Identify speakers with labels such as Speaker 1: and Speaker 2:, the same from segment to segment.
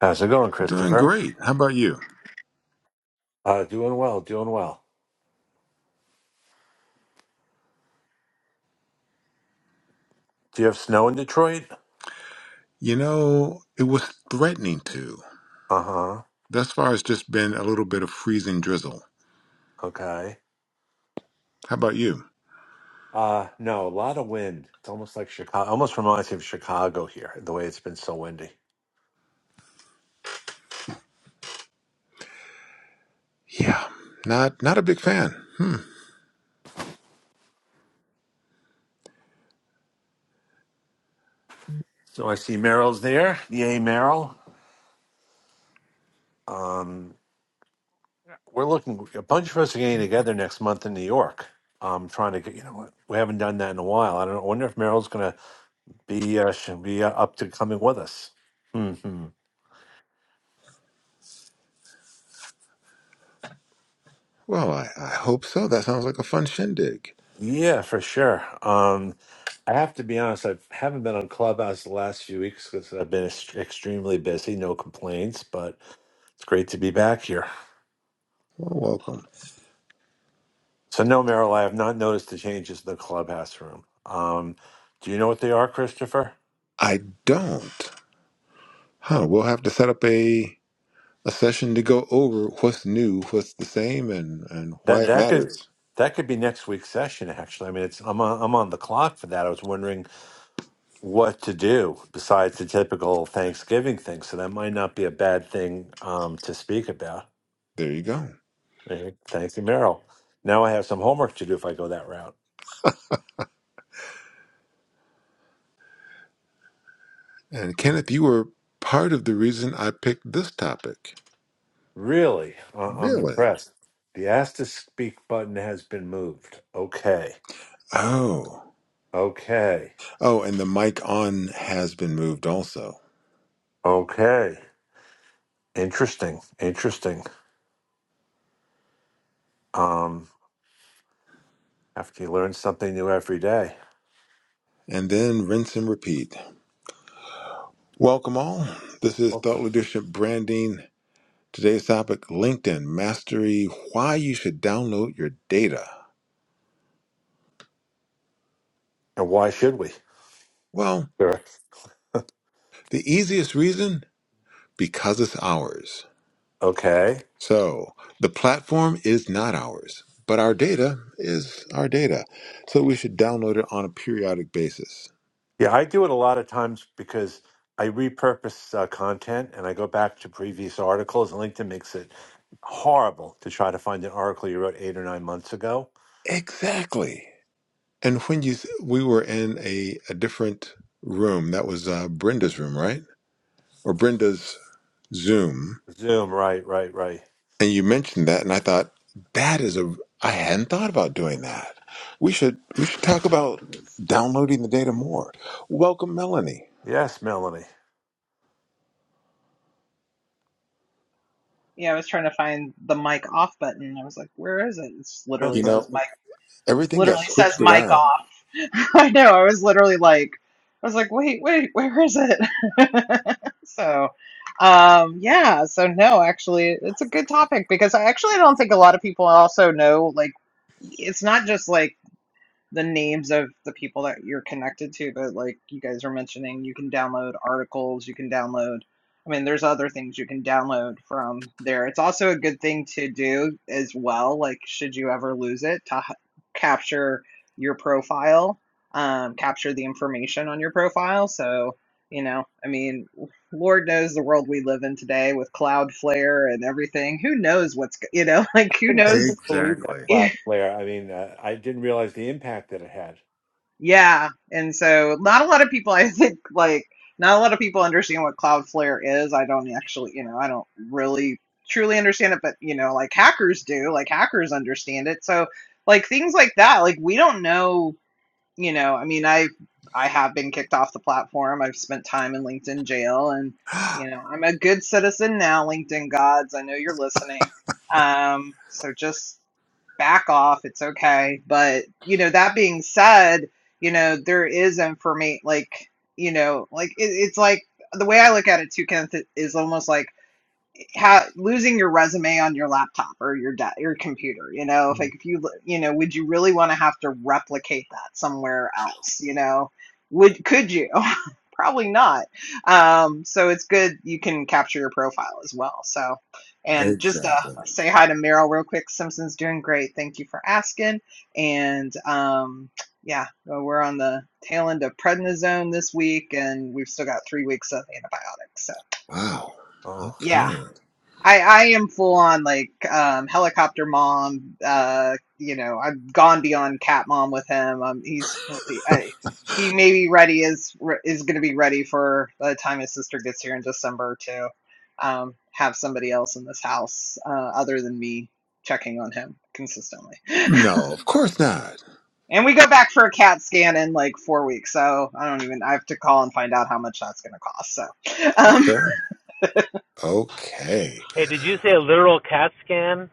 Speaker 1: How's it going,
Speaker 2: Doing
Speaker 1: Christopher?
Speaker 2: great. How about you?
Speaker 1: Uh, doing well, doing well. Do you have snow in Detroit?
Speaker 2: You know, it was threatening to.
Speaker 1: Uh huh.
Speaker 2: Thus far, it's just been a little bit of freezing drizzle.
Speaker 1: Okay.
Speaker 2: How about you?
Speaker 1: Uh, no, a lot of wind. It's almost like Chicago. Almost reminds me of Chicago here, the way it's been so windy.
Speaker 2: Yeah, not not a big fan.
Speaker 1: So I see Merrill's there. Yay, Merrill. Um, we're looking. A bunch of us are getting together next month in New York. Um, trying to get. You know what? We haven't done that in a while. I don't. know. I wonder if Merrill's going to be uh, should be uh, up to coming with us. Hmm.
Speaker 2: Well, I, I hope so. That sounds like a fun shindig.
Speaker 1: Yeah, for sure. Um, I have to be honest, I haven't been on Clubhouse the last few weeks because I've been ex- extremely busy, no complaints, but it's great to be back here.
Speaker 2: Well, welcome.
Speaker 1: So, no, Merrill, I have not noticed the changes in the Clubhouse room. Um, do you know what they are, Christopher?
Speaker 2: I don't. Huh? We'll have to set up a a session to go over what's new, what's the same, and and why
Speaker 1: That
Speaker 2: it
Speaker 1: that could
Speaker 2: matters.
Speaker 1: that could be next week's session, actually. I mean, it's I'm on, I'm on the clock for that. I was wondering what to do besides the typical Thanksgiving thing, so that might not be a bad thing um, to speak about.
Speaker 2: There you go.
Speaker 1: Hey, Thank you, Merrill. Now I have some homework to do if I go that route.
Speaker 2: And Kenneth, you were part of the reason I picked this topic.
Speaker 1: Really, I- I'm
Speaker 2: Really?
Speaker 1: impressed. The Ask to Speak button has been moved. Okay,
Speaker 2: Oh.
Speaker 1: okay,
Speaker 2: Oh, and the mic on has been moved also.
Speaker 1: okay. Interesting, interesting. Um, after you learn something new every day,
Speaker 2: And then rinse and repeat. Welcome all. This is
Speaker 1: okay.
Speaker 2: Thought Leadership Branding. Today's topic LinkedIn Mastery Why You Should Download Your Data.
Speaker 1: and why should we?
Speaker 2: Well,
Speaker 1: Sure.
Speaker 2: the easiest reason because it's ours.
Speaker 1: Okay.
Speaker 2: So the platform is not ours, but our data is our data. So we should download it on a periodic basis.
Speaker 1: Yeah, I do it a lot of times because I repurpose uh, content and I go back to previous articles, and LinkedIn makes it horrible to try to find an article you wrote eight or nine months ago
Speaker 2: Exactly. And when you th- we were in a, a different room, that was uh, Brenda's room, right? Or Brenda's Zoom,
Speaker 1: Zoom, right, right, right.
Speaker 2: and you mentioned that, and I thought that is a I hadn't thought about doing that. We should we should talk about downloading the data more. Welcome, Melanie.
Speaker 1: Yes, Melanie.
Speaker 3: Yeah, I was trying to find the mic off button. I was like, where is it? It literally
Speaker 2: You
Speaker 3: says
Speaker 2: know
Speaker 3: mic
Speaker 2: everything got
Speaker 3: literally says
Speaker 2: switched
Speaker 3: mic
Speaker 2: around.
Speaker 3: off. I know. I was literally like I was like, wait, wait, where is it? so um yeah, so no, actually it's a good topic because I actually don't think a lot of people also know like it's not just like the names of the people that you're connected to but like you guys are mentioning you can download articles you can download i mean there's other things you can download from there it's also a good thing to do as well like should you ever lose it to h- capture your profile um, capture the information on your profile so you know i mean lord knows the world we live in today with cloudflare and everything who knows what's g- you know like
Speaker 1: I
Speaker 3: who
Speaker 1: couldn't, I
Speaker 3: knows
Speaker 1: couldn't believe that
Speaker 2: Exactly.
Speaker 1: cloud flare. I mean, uh, I didn't realize the impact that it had.
Speaker 3: Yeah. And so not a lot of people I think like not a lot of people understand what Cloudflare is. I don't actually, you know, I don't really truly understand it, but you know, like hackers do, like hackers understand it. So like things like that, like we don't know, you know, I mean, I I have been kicked off the platform. I've spent time in LinkedIn jail and you know, I'm a good citizen now, LinkedIn gods. I know you're listening. Um, so just back off. It's okay. But, you know, that being said, you know, there is information, like, you know, like it, it's like the way I look at it too, Kenneth, is almost like ha- losing your resume on your laptop or your de- your computer. You know, if
Speaker 1: Mm.
Speaker 3: like if you you know, would you really want to have to replicate that somewhere else? You know, would could you? probably not. Um, so it's good you can capture your profile as well. So, and just uh,
Speaker 2: exactly.
Speaker 3: say hi to Meryl real quick. Simpson's doing great. Thank you for asking. And um, yeah, uh, we're on the tail end of prednisone this week, and we've still got three weeks of antibiotics. So
Speaker 2: Wow.
Speaker 1: Oh,
Speaker 2: Okay.
Speaker 3: yeah, I I am full on like um helicopter mom. Uh, you know, I've gone beyond cat mom with him. Um, he's I, he may be ready is is going to be ready for by the time his sister gets here in December to um have somebody else in this house uh, other than me checking on him consistently.
Speaker 2: No, of course not.
Speaker 3: And we go back for a CAT scan in like four weeks, so I don't even. I have to call and find out how much that's going to cost. So, um,
Speaker 2: Okay. Okay.
Speaker 4: Hey, did you say a literal CAT scan?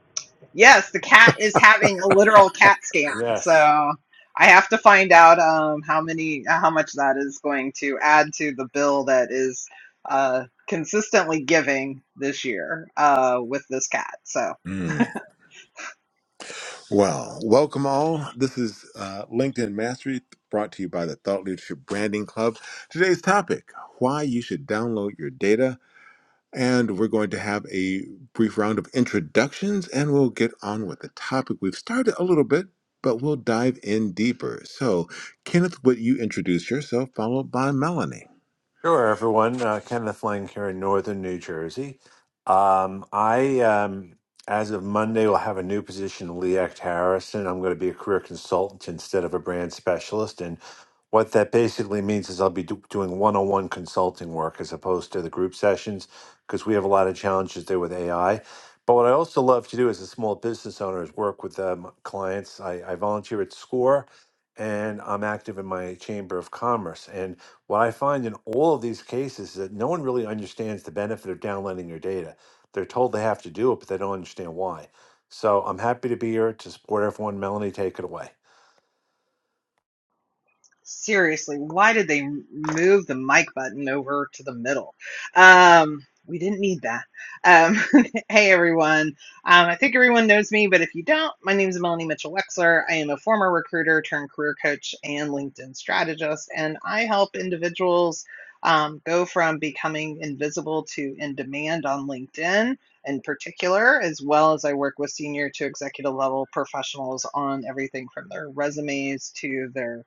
Speaker 3: Yes, the cat is having a literal cat scan.
Speaker 1: yes.
Speaker 3: So I have to find out um, how many, how much that is going to add to the bill that is uh, consistently giving this year uh, with this cat. So.
Speaker 2: Well, welcome all. This is uh, LinkedIn Mastery brought to you by the Thought Leadership Branding Club. Today's topic why you should download your data. And we're going to have a brief round of introductions and we'll get on with the topic. We've started a little bit, but we'll dive in deeper. So, Kenneth, would you introduce yourself, followed by Melanie?
Speaker 1: Sure, everyone. Uh, Kenneth Lang here in northern New Jersey. Um, I, um, as of Monday, will have a new position, Lee Act Harrison. I'm going to be a career consultant instead of a brand specialist. And what that basically means is I'll be do- doing one on one consulting work as opposed to the group sessions because we have a lot of challenges there with AI. But what I also love to do as a small business owner is work with um, clients. I, I volunteer at SCORE and I'm active in my Chamber of Commerce. And what I find in all of these cases is that no one really understands the benefit of downloading your data. They're told they have to do it, but they don't understand why. So I'm happy to be here to support everyone. Melanie, take it away.
Speaker 3: seriously, why did they move the mic button over to the middle? Um, we didn't need that. Um, hey, everyone. Um, I think everyone knows me, but if you don't, my name is Melanie Mitchell Wexler. I am a former recruiter turned career coach and LinkedIn strategist, and I help individuals um, go from becoming invisible to in demand on LinkedIn in particular, as well as I work with senior to executive level professionals on everything from their resumes to their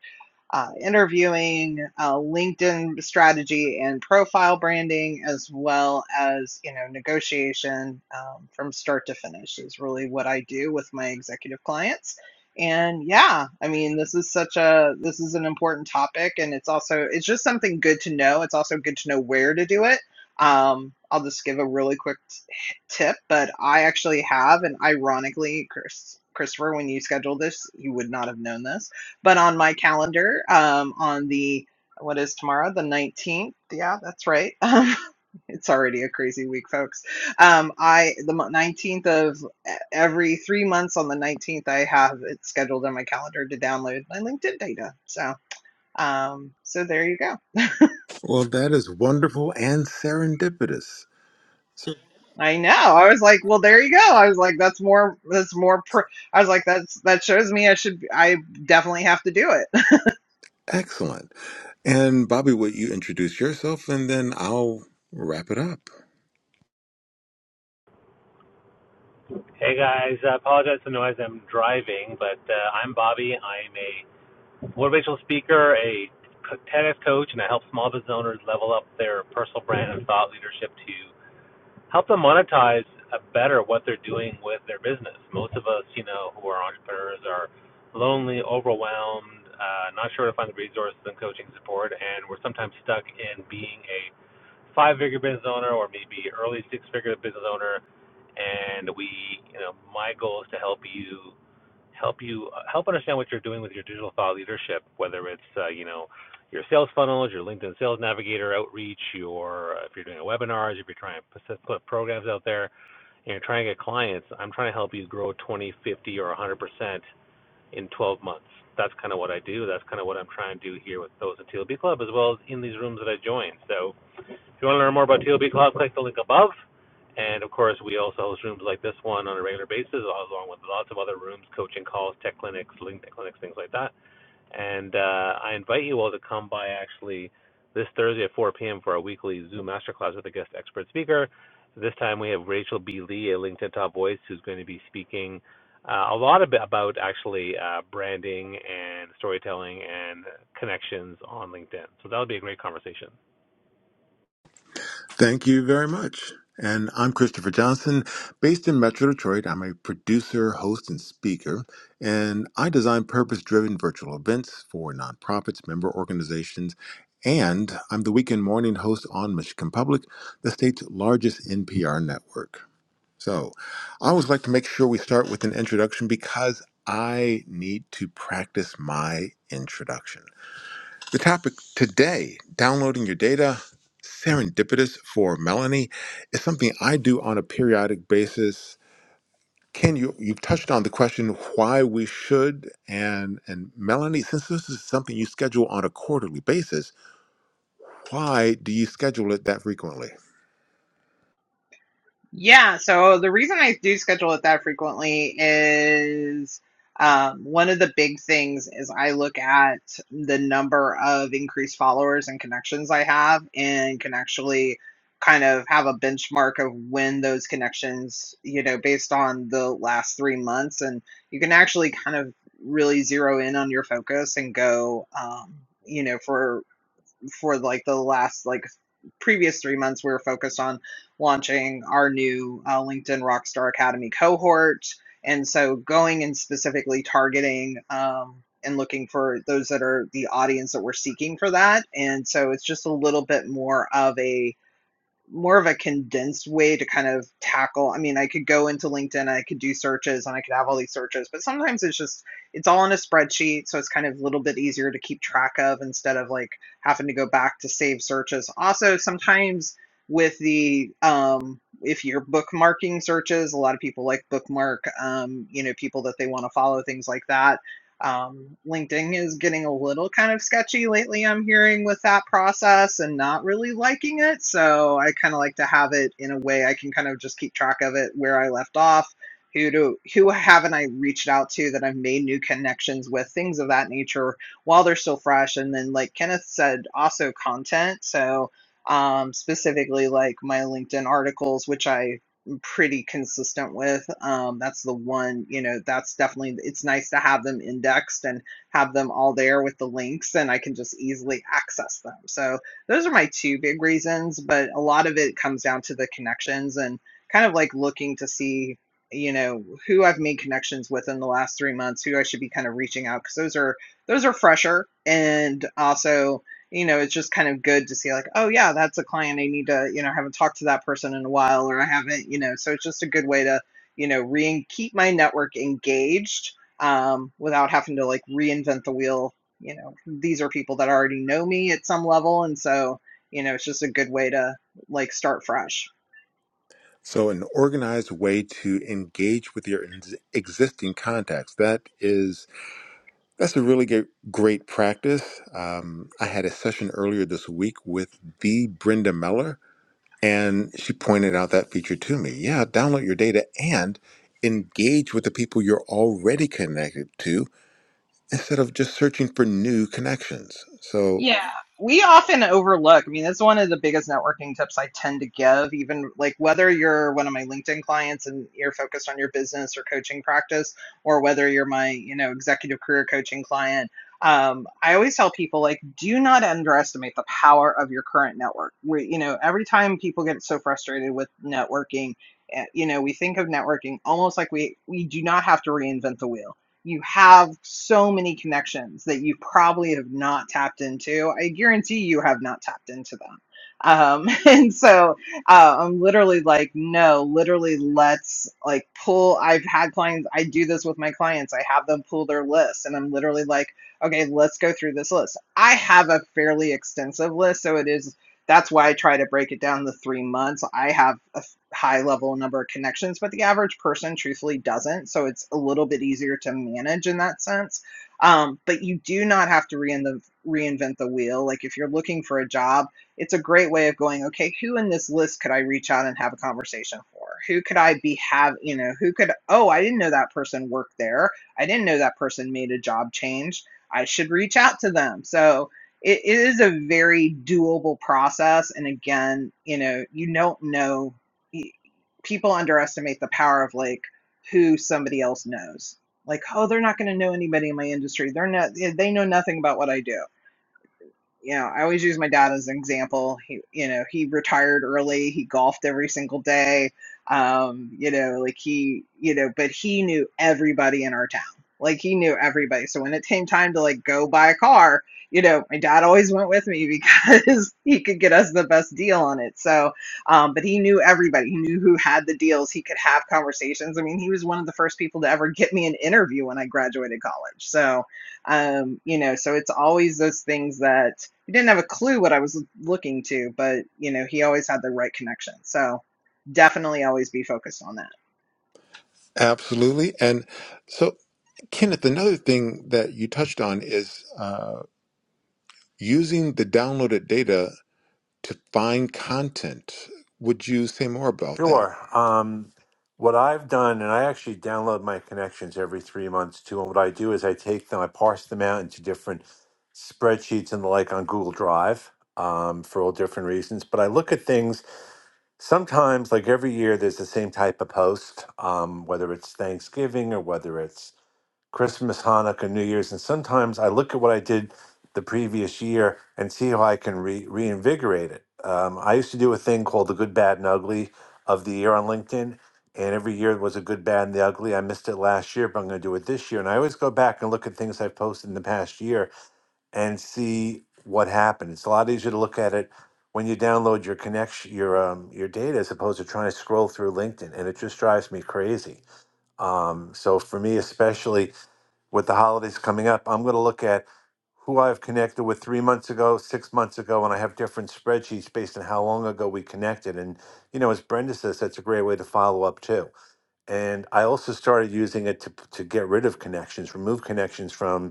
Speaker 3: uh, interviewing, uh, LinkedIn strategy and profile branding, as well as you know negotiation um, from start to finish is really what I do with my executive clients. And yeah, I mean this is such a this is an important topic, and it's also it's just something good to know. It's also good to know where to do it. Um, I'll just give a really quick t- tip, but I actually have, and ironically, Chris, Christopher, when you scheduled this, you would not have known this but on my calendar um, on the what is tomorrow the 19th yeah that's right Um, it's already a crazy week folks um, i the 19th of e- every three months on the 19th i have it scheduled on my calendar to download my linkedin data so um, so there you go
Speaker 2: Well, that is wonderful and serendipitous. So,
Speaker 3: i know i was like well there you go i was like that's more that's more pr- i was like that's that shows me i should i definitely have to do it
Speaker 2: excellent. And Bobby, would you introduce yourself and then I'll wrap it up?
Speaker 4: Hey guys, I apologize for the noise. I'm driving, but uh, I'm Bobby. I'm a motivational speaker, a TEDx coach, and I help small business owners level up their personal brand and thought leadership to help them monetize uh, better what they're doing with their business. Most of us, you know, who are entrepreneurs are lonely, overwhelmed, uh, not sure to find the resources and coaching support, and we're sometimes stuck in being a five figure business owner or maybe early six figure business owner and we you know my goal is to help you help you uh, help understand what you're doing with your digital thought leadership whether it's uh, you know your sales funnels your linkedin sales navigator outreach your uh, if you're doing a webinars if you're trying to put programs out there and you're trying to get clients i'm trying to help you grow 20 50 or 100% in 12 months that's kind of what i do that's kind of what i'm trying to do here with those in tlb club as well as in these rooms that i join so if you want to learn more about TLB Cloud, click the link above. And of course, we also host rooms like this one on a regular basis, along with lots of other rooms, coaching calls, tech clinics, LinkedIn clinics, things like that. And uh, I invite you all to come by actually this Thursday at 4 p.m. for our weekly Zoom masterclass with a guest expert speaker. This time we have Rachel B. Lee, a LinkedIn top voice, who's going to be speaking uh, a lot ab- about actually uh, branding and storytelling and connections on LinkedIn. So that'll be a great conversation.
Speaker 2: Thank you very much. And I'm Christopher Johnson. Based in Metro Detroit, I'm a producer, host, and speaker. And I design purpose driven virtual events for nonprofits, member organizations, and I'm the weekend morning host on Michigan Public, the state's largest NPR network. So I always like to make sure we start with an introduction because I need to practice my introduction. The topic today, downloading your data, serendipitous for Melanie, is something I do on a periodic basis. Ken, you, you touched on the question why we should, and, and Melanie, since this is something you schedule on a quarterly basis, why do you schedule it that frequently?
Speaker 3: Yeah, so the reason I do schedule it that frequently is um, one of the big things is I look at the number of increased followers and connections I have and can actually kind of have a benchmark of when those connections, you know, based on the last three months. And you can actually kind of really zero in on your focus and go, um, you know, for for like the last like previous three months, we were focused on launching our new uh, LinkedIn Rockstar Academy cohort. And so going and specifically targeting um, and looking for those that are the audience that we're seeking for that. And so it's just a little bit more of a more of a condensed way to kind of tackle. I mean, I could go into LinkedIn, I could do searches, and I could have all these searches, but sometimes it's just it's all in a spreadsheet, so it's kind of a little bit easier to keep track of instead of like having to go back to save searches. Also, sometimes with the um, if you're bookmarking searches, a lot of people like bookmark, um, you know, people that they want to follow, things like that um, LinkedIn is getting a little kind of sketchy lately, I'm hearing with that process and not really liking it. So I kind of like to have it in a way I can kind of just keep track of it where I left off. Who do who haven't I reached out to that I've made new connections with, things of that nature while they're still fresh. And then like Kenneth said, also content. So um, specifically like my LinkedIn articles, which I pretty consistent with. Um, that's the one, you know, that's definitely, it's nice to have them indexed and have them all there with the links, and I can just easily access them. So those are my two big reasons, but a lot of it comes down to the connections and kind of like looking to see, you know, who I've made connections with in the last three months, who I should be kind of reaching out because those are those are fresher and also you know, it's just kind of good to see like, oh yeah, that's a client I need to, you know, I haven't talked to that person in a while or I haven't, you know, so it's just a good way to, you know, re keep my network engaged um, without having to like reinvent the wheel. You know, these are people that already know me at some level. And so, you know, it's just a good way to like start fresh.
Speaker 2: So, an organized way to engage with your ex- existing contacts. That is, that's a really great, great practice. Um, I had a session earlier this week with the Brenda Meller, And she pointed out that feature to me. Yeah, download your data and engage with the people you're already connected to instead of just searching for new connections. So,
Speaker 3: Yeah, we often overlook. I mean, that's one of the biggest networking tips I tend to give, even like whether you're one of my LinkedIn clients and you're focused on your business or coaching practice, or whether you're my, you know, executive career coaching client. Um, I always tell people like, do not underestimate the power of your current network. We, you know, every time people get so frustrated with networking, eh, you know, we think of networking almost like we we do not have to reinvent the wheel you have so many connections that you probably have not tapped into. I guarantee you have not tapped into them. Um, and so uh, I'm literally like, no, literally, let's like pull. I've had clients, I do this with my clients, I have them pull their list, and I'm literally like, okay, let's go through this list. I have a fairly extensive list, so it is that's why I try to break it down the three months. I have high level number of connections, but the average person truthfully doesn't. So it's a little bit easier to manage in that sense. Um, but you do not have to reinvent, reinvent the wheel. Like if you're looking for a job, it's a great way of going, okay, who in this list could I reach out and have a conversation for? Who could I be have, you know, who could, oh, I didn't know that person worked there. I didn't know that person made a job change. I should reach out to them. So, it, it is a very doable process and again you know you don't know people underestimate the power of like who somebody else knows. Like, oh, they're not going to know anybody in my industry. They're not. They know nothing about what I do you know, I always use my dad as an example. He, you know, he retired early. He golfed every single day. Um, you know, like he, you know, but he knew everybody in our town. Like he knew everybody. So when it came time to like go buy a car, you know, my dad always went with me because he could get us the best deal on it. So, um, but he knew everybody. He knew who had the deals. He could have conversations. I mean, he was one of the first people to ever get me an interview when I graduated college. So, um, you know, so it's always those things that he didn't have a clue what I was looking to, but you know, he always had the right connection. So definitely always be focused on that.
Speaker 2: absolutely. And so, Kenneth, another thing that you touched on is uh, using the downloaded data to find content. Would you say more about that?
Speaker 1: Sure. Um, what I've done, and I actually download my connections every three months too. And what I do is I take them, I parse them out into different spreadsheets and the like on Google Drive um, for all different reasons. But I look at things sometimes like every year there's the same type of post um, whether it's thanksgiving or whether it's christmas hanukkah new year's and sometimes i look at what i did the previous year and see how i can re- reinvigorate it um, i used to do a thing called the good bad and ugly of the year on linkedin and every year was a good bad and the ugly i missed it last year but i'm going to do it this year and i always go back and look at things i've posted in the past year and see what happened. It's a lot easier to look at it when you download your connection, your um, your data, as opposed to trying to scroll through LinkedIn, and it just drives me crazy. Um, so for me, especially with the holidays coming up, I'm going to look at who I've connected with three months ago, six months ago, and I have different spreadsheets based on how long ago we connected. And you know, as Brenda says, that's a great way to follow up too. And I also started using it to to get rid of connections, remove connections from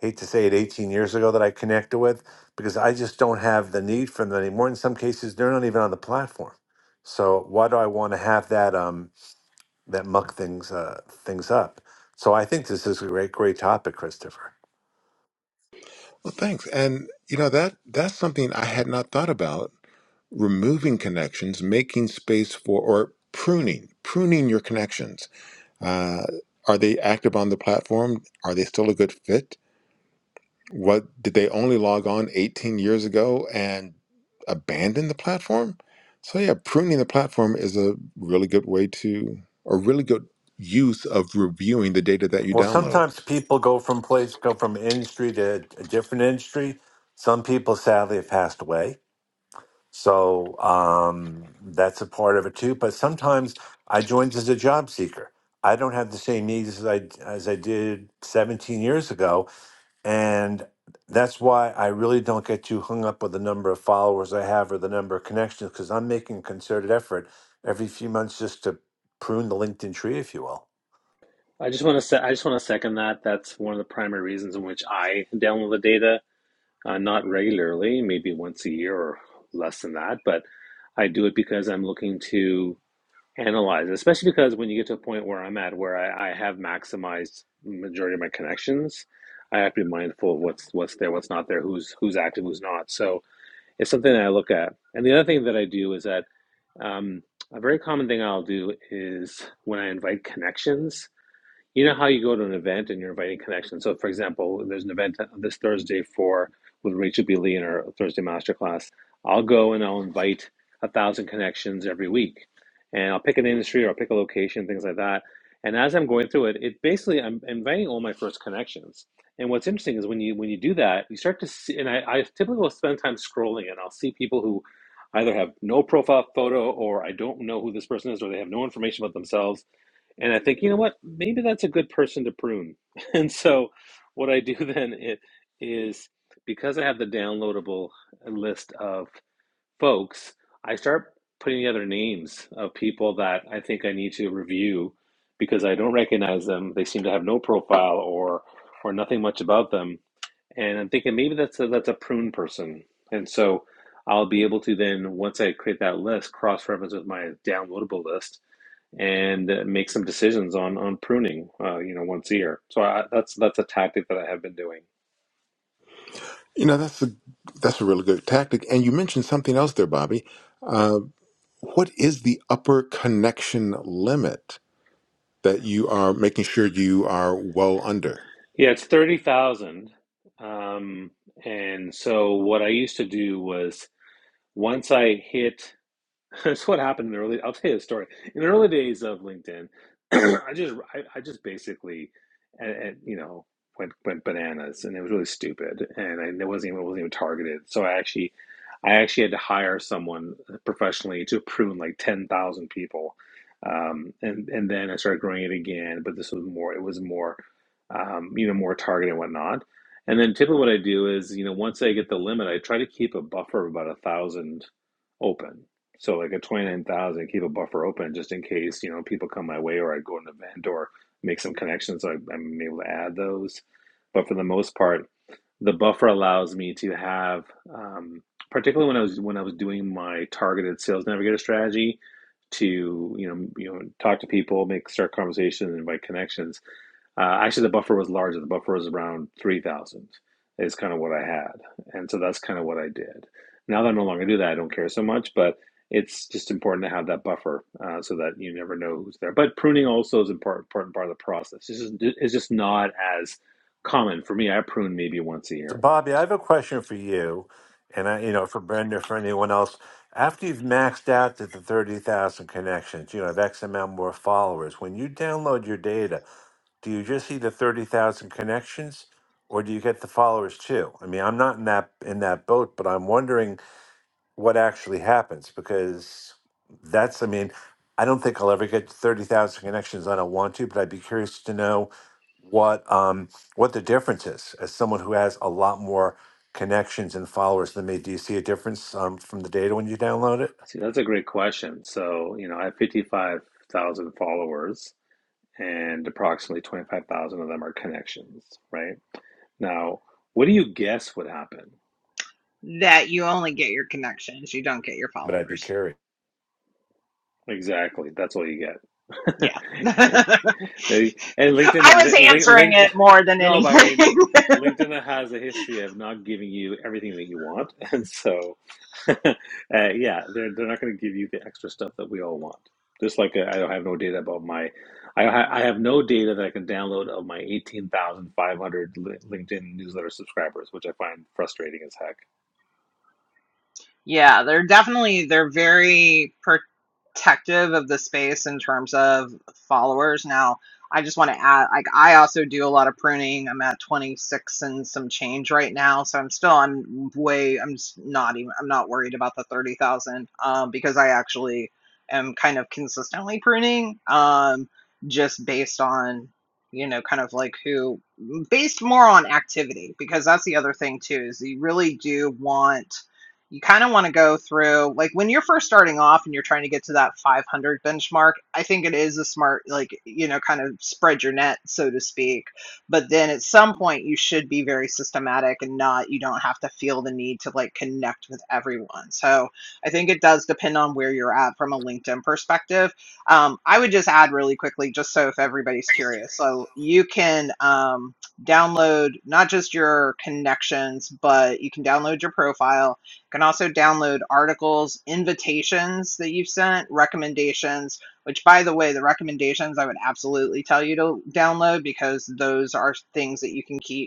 Speaker 1: hate to say it, 18 years ago that I connected with because I just don't have the need for them anymore. In some cases, they're not even on the platform. So why do I want to have that um that muck things uh things up? So I think this is a great great topic, Christopher.
Speaker 2: Well, thanks. And you know that that's something I had not thought about removing connections, making space for, or pruning, pruning your connections. Uh, are they active on the platform? Are they still a good fit? What did they only log on 18 years ago and abandon the platform? So yeah, pruning the platform is a really good way to, a really good use of reviewing the data that you
Speaker 1: Well,
Speaker 2: download.
Speaker 1: sometimes people go from place go from industry to a different industry. Some people sadly have passed away. So um, that's a part of it too. But sometimes I joined as a job seeker. I don't have the same needs as I as I did 17 years ago, and that's why I really don't get too hung up with the number of followers I have or the number of connections because I'm making a concerted effort every few months just to prune the LinkedIn tree, if you will.
Speaker 4: I just want to se- I just want to second that. That's one of the primary reasons in which I download the data, uh, not regularly, maybe once a year or less than that, but I do it because I'm looking to analyze, it, especially because when you get to a point where I'm at, where I, I have maximized majority of my connections, I have to be mindful of what's what's there, what's not there, who's who's active, who's not. So it's something that I look at. And the other thing that I do is that um, a very common thing I'll do is when I invite connections. You know how you go to an event and you're inviting connections. So, for example, there's an event this Thursday for with Rachel B. Lee in our Thursday masterclass. I'll go and I'll invite a thousand connections every week, and I'll pick an industry or I'll pick a location, things like that. And as I'm going through it, it basically I'm inviting all my first connections. And what's interesting is when you when you do that, you start to see. And I, I typically will spend time scrolling, and I'll see people who either have no profile photo or I don't know who this person is, or they have no information about themselves and I think, you know what, maybe that's a good person to prune. And so, what I do then i- is because I have the downloadable list of folks, I start putting together names of people that I think I need to review because I don't recognize them. They seem to have no profile or or nothing much about them, and I'm thinking maybe that's a, that's a prune person. And so, I'll be able to then once I create that list, cross reference with my downloadable list and uh, make some decisions on on pruning, uh, you know, once a year. So I, that's that's a tactic that I have been doing.
Speaker 2: You know, that's a that's a really good tactic. And you mentioned something else there, Bobby. Uh, what is the upper connection limit? that you are making sure you are well under.
Speaker 4: Yeah, it's thirty thousand. Um, and so what I used to do was once I hit That's what happened in the early. I'll tell you a story. In the early days of LinkedIn, I just I, I just basically, and, you know, went went bananas, and it was really stupid, and I, it wasn't even it wasn't even targeted. So I actually, I actually had to hire someone uh, professionally to prune like ten thousand people, um, and and then I started growing it again. But this was more. It was more, um, you know, more targeted and whatnot. And then typically what I do is, you know, once I get the limit, I try to keep a buffer of about a thousand open so like at twenty nine thousand, keep a buffer open just in case you know people come my way or I go to an event or make some connections. So I, I'm able to add those. But for the most part, the buffer allows me to have, um, particularly when I was when I was doing my targeted sales navigator strategy, to you know you know talk to people, make start conversations, and invite connections. Uh, actually, the buffer was larger. The buffer was around 3,000 is kind of what I had. And so that's kind of what I did. Now that I no longer do that, I don't care so much. But it's just important to have that buffer uh, so that you never know who's there. But pruning also is important, important part of the process. It's just, it's just not as common for me. I prune maybe once a
Speaker 1: So,
Speaker 4: year.
Speaker 1: Bobby, I have a question for you, and I, you know, for Brenda, for anyone else. After you've maxed out to the thirty thousand connections, you know, have X amount more followers. When you download your data, do you just see the thirty thousand connections, or do you get the followers too? I mean, I'm not in that in that boat, but I'm wondering what actually happens because that's I mean, I don't think I'll ever get to thirty thousand connections. I don't want to, but I'd be curious to know what um what the difference is as someone who has a lot more connections and followers than me. Do you see a difference um, from the data when you download it?
Speaker 4: See, that's a great question. So, you know, I have 55,000 followers. and approximately 25,000 of them are connections, right? Now, what do you guess would happen?
Speaker 3: That you only get your connections, you don't get your
Speaker 1: But I'd be
Speaker 3: followers.
Speaker 1: curious.
Speaker 4: Exactly. That's all you get.
Speaker 3: Yeah. I
Speaker 4: They- and LinkedIn,
Speaker 3: was
Speaker 4: li, li,
Speaker 3: answering it
Speaker 4: LinkedIn,
Speaker 3: more than
Speaker 4: no, but I mean,
Speaker 3: anything.
Speaker 4: LinkedIn has a history of not giving you everything that you want, and so, uh, yeah, they're they're not going to give you the extra stuff that we all want. Just like uh, I don't have no data about my, I ha I have no data that I can download of my eighteen thousand five hundred li- LinkedIn newsletter subscribers, which I find frustrating as heck.
Speaker 3: Yeah, they're definitely they're very protective of the space in terms of followers. Now, I just want to add, like I also do a lot of pruning. I'm at 26 and some change right now, so I'm still I'm way I'm s- not even I'm not worried about the 30,000 um because I actually am kind of consistently pruning um just based on you know kind of like who based more on activity because that's the other thing too is you really do want you kind of want to go through like when you're first starting off and you're trying to get to that 500 benchmark i think it is a smart like you know kind of spread your net so to speak but then at some point you should be very systematic and not you don't have to feel the need to like connect with everyone so i think it does depend on where you're at from a linkedin perspective um, i would just add really quickly just so if everybody's curious so you can um, download not just your connections but you can download your profile can also download articles, invitations that you've sent, recommendations, which by the way, the recommendations I would absolutely tell you to download because those are things that you can keep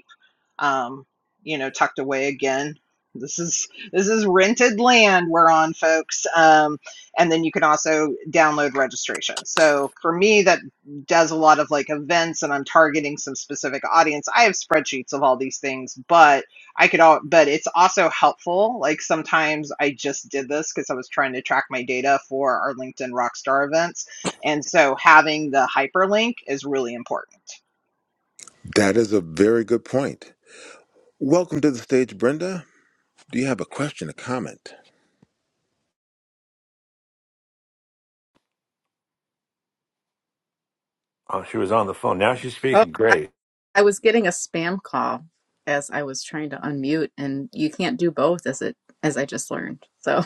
Speaker 3: um, you know, tucked away again. This is this is rented land we're on, folks. Um, and then you can also download registration. So for me, that does a lot of like events, and I'm targeting some specific audience. I have spreadsheets of all these things, but I could all. But it's also helpful. Like sometimes I just did this because I was trying to track my data for our LinkedIn Rockstar events, and so having the hyperlink is really important.
Speaker 2: That is a very good point. Welcome to the stage, Brenda. Do you have a question, a comment?
Speaker 1: Oh, she was on the phone. Now she's
Speaker 5: Oh,
Speaker 1: speaking.
Speaker 5: I,
Speaker 1: Great.
Speaker 5: I was getting a spam call as I was trying to unmute, and you can't do both, as it as I just learned. So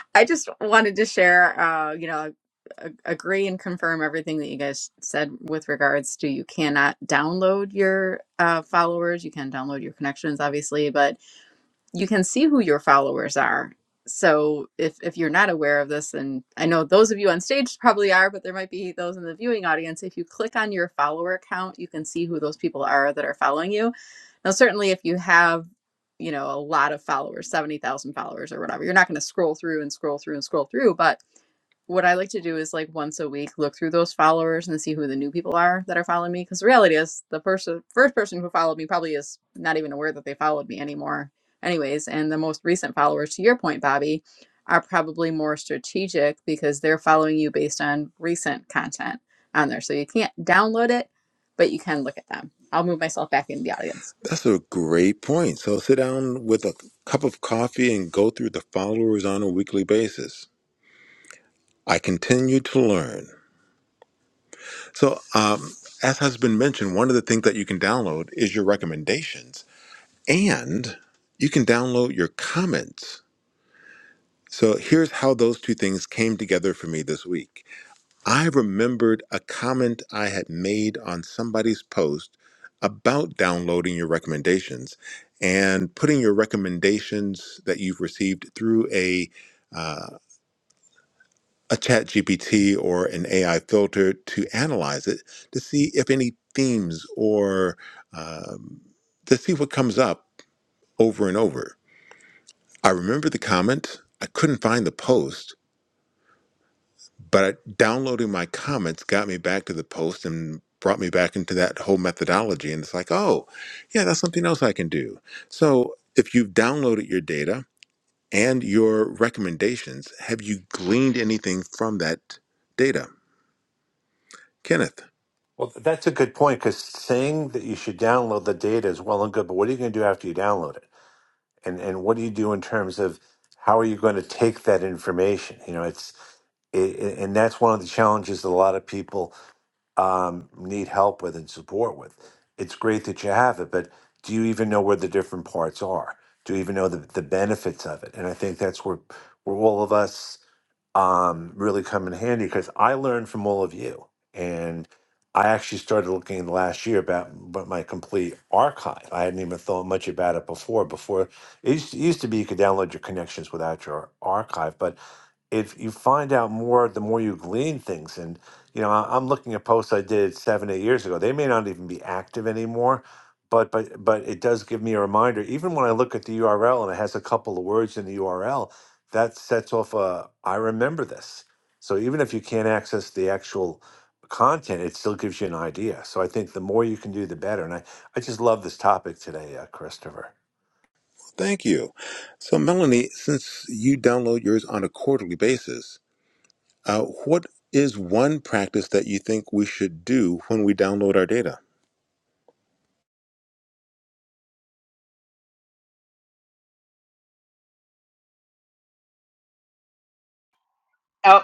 Speaker 5: I just wanted to share, uh, you know, a- agree and confirm everything that you guys said with regards to you cannot download your uh, followers. You can download your connections, obviously, but you can see who your followers are. So if if you're not aware of this, and I know those of you on stage probably are, but there might be those in the viewing audience. If you click on your follower count, you can see who those people are that are following you. Now, certainly, if you have you know a lot of followers, seventy thousand followers or whatever, you're not going to scroll through and scroll through and scroll through. But what I like to do is like once a week look through those followers and see who the new people are that are following me. Because the reality is, the person first person who followed me probably is not even aware that they followed me anymore anyways and the most recent followers to your point bobby are probably more strategic because they're following you based on recent content on there so you can't download it but you can look at them i'll move myself back in the audience
Speaker 2: That's a great point. So sit down with a cup of coffee and go through the followers on a weekly basis. I continue to learn. So, um, as has been mentioned, one of the things that you can download is your recommendations, and you can download your comments. So, here's how those two things came together for me this week. I remembered a comment I had made on somebody's post about downloading your recommendations and putting your recommendations that you've received through a uh, a chat GPT or an AI filter to analyze it to see if any themes or um, to see what comes up over and over. I remember the comment. I couldn't find the post, But uh, downloading my comments got me back to the post and brought me back into that whole methodology. And it's like, oh, yeah, that's something else I can do. So if you've downloaded your data and your recommendations, have you gleaned anything from that data? Kenneth,
Speaker 1: Well, th- that's a good point because saying that you should download the data is well and good, but what are you going to do after you download it? and and what do you do in terms of how are you going to take that information you know it's it, it- and that's one of the challenges that a lot of people um, need help with and support with it's great that you have it but do you even know where the different parts are do you even know the, the benefits of it and i think that's where where all of us um, really come in handy because I learned from all of you. And I actually started looking in the last year about, about my complete archive. I hadn't even thought much about it before. Before it used to, used to be you could download your connections without your archive, but if you find out more, the more you glean things. And, you know, I- I'm looking at posts I did seven, eight years ago. They may not even be active anymore, but, but, but it does give me a reminder. Even when I look at the URL and it has a couple of words in the URL, that sets off a, I remember this. So even if you can't access the actual content, it still gives you an idea. So I think the more you can do, the better. And I, I just love this topic today, uh, Christopher.
Speaker 2: thank you. So, Melanie, since you download yours on a quarterly basis, uh, what is one practice that you think we should do when we download our data?
Speaker 3: Oh.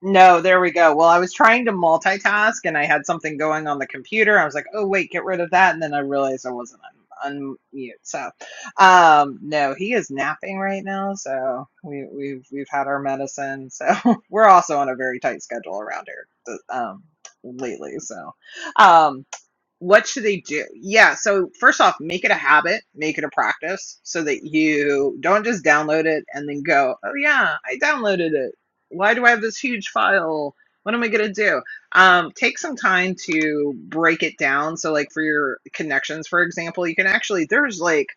Speaker 3: No, there we go. Well, I was trying to multitask and I had something going on the computer. I was like, oh, wait, get rid of that. And then I realized I wasn't un- unmute. So, um, no, he is napping right now. So we, we've, we've had our medicine. So we're also on a very tight schedule around here, th- um, lately. So, um, what should they do? Yeah, so first off, make it a habit, make it a practice so that you don't just download it and then go, oh yeah, I downloaded it. Why do I have this huge file? What am I going to do? Um, take some time to break it down. So, like for your connections, for example, you can actually, there's like,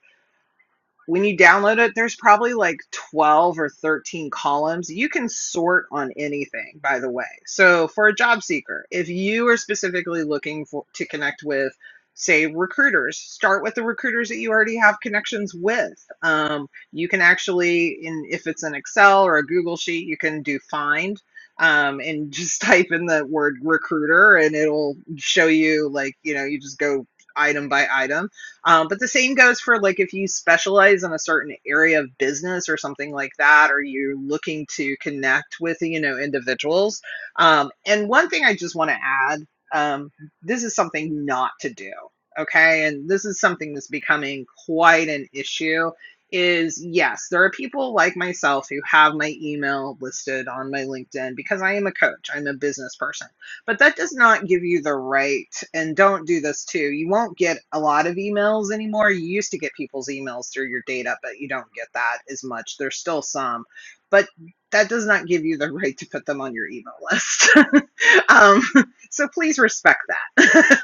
Speaker 3: when you download it, there's probably like 12 or 13 columns. You can sort on anything, by the way. So for a job seeker, if you are specifically looking for to connect with, say, recruiters, start with the recruiters that you already have connections with. Um, you can actually, in if it's an Excel or a Google sheet, you can do find. Um, and just type in the word recruiter and it'll show you like you know you just go item by item um, but the same goes for like if you specialize in a certain area of business or something like that, or you're looking to connect with you know individuals. Um, and one thing I just want to add, um, this is something not to do. Okay, and this is something that's becoming quite an issue. Is yes, there are people like myself who have my email listed on my LinkedIn because I am a coach, I'm a business person but that does not give you the right and don't do this too you won't get a lot of emails anymore you used to get people's emails through your data but you don't get that as much there's still some but that does not give you the right to put them on your email list um, so please respect that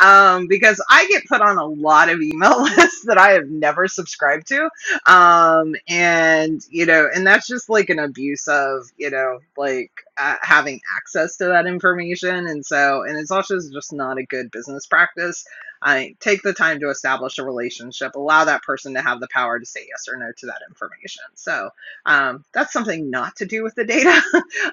Speaker 3: um, because I get put on a lot of email lists that I have never subscribed to. Um, and, you know, and that's just like an abuse of, you know, like uh, having access to that information. And so, and it's also just not a good business practice. I take the time to establish a relationship, allow that person to have the power to say yes or no to that information. So, um, that's something not to do with the data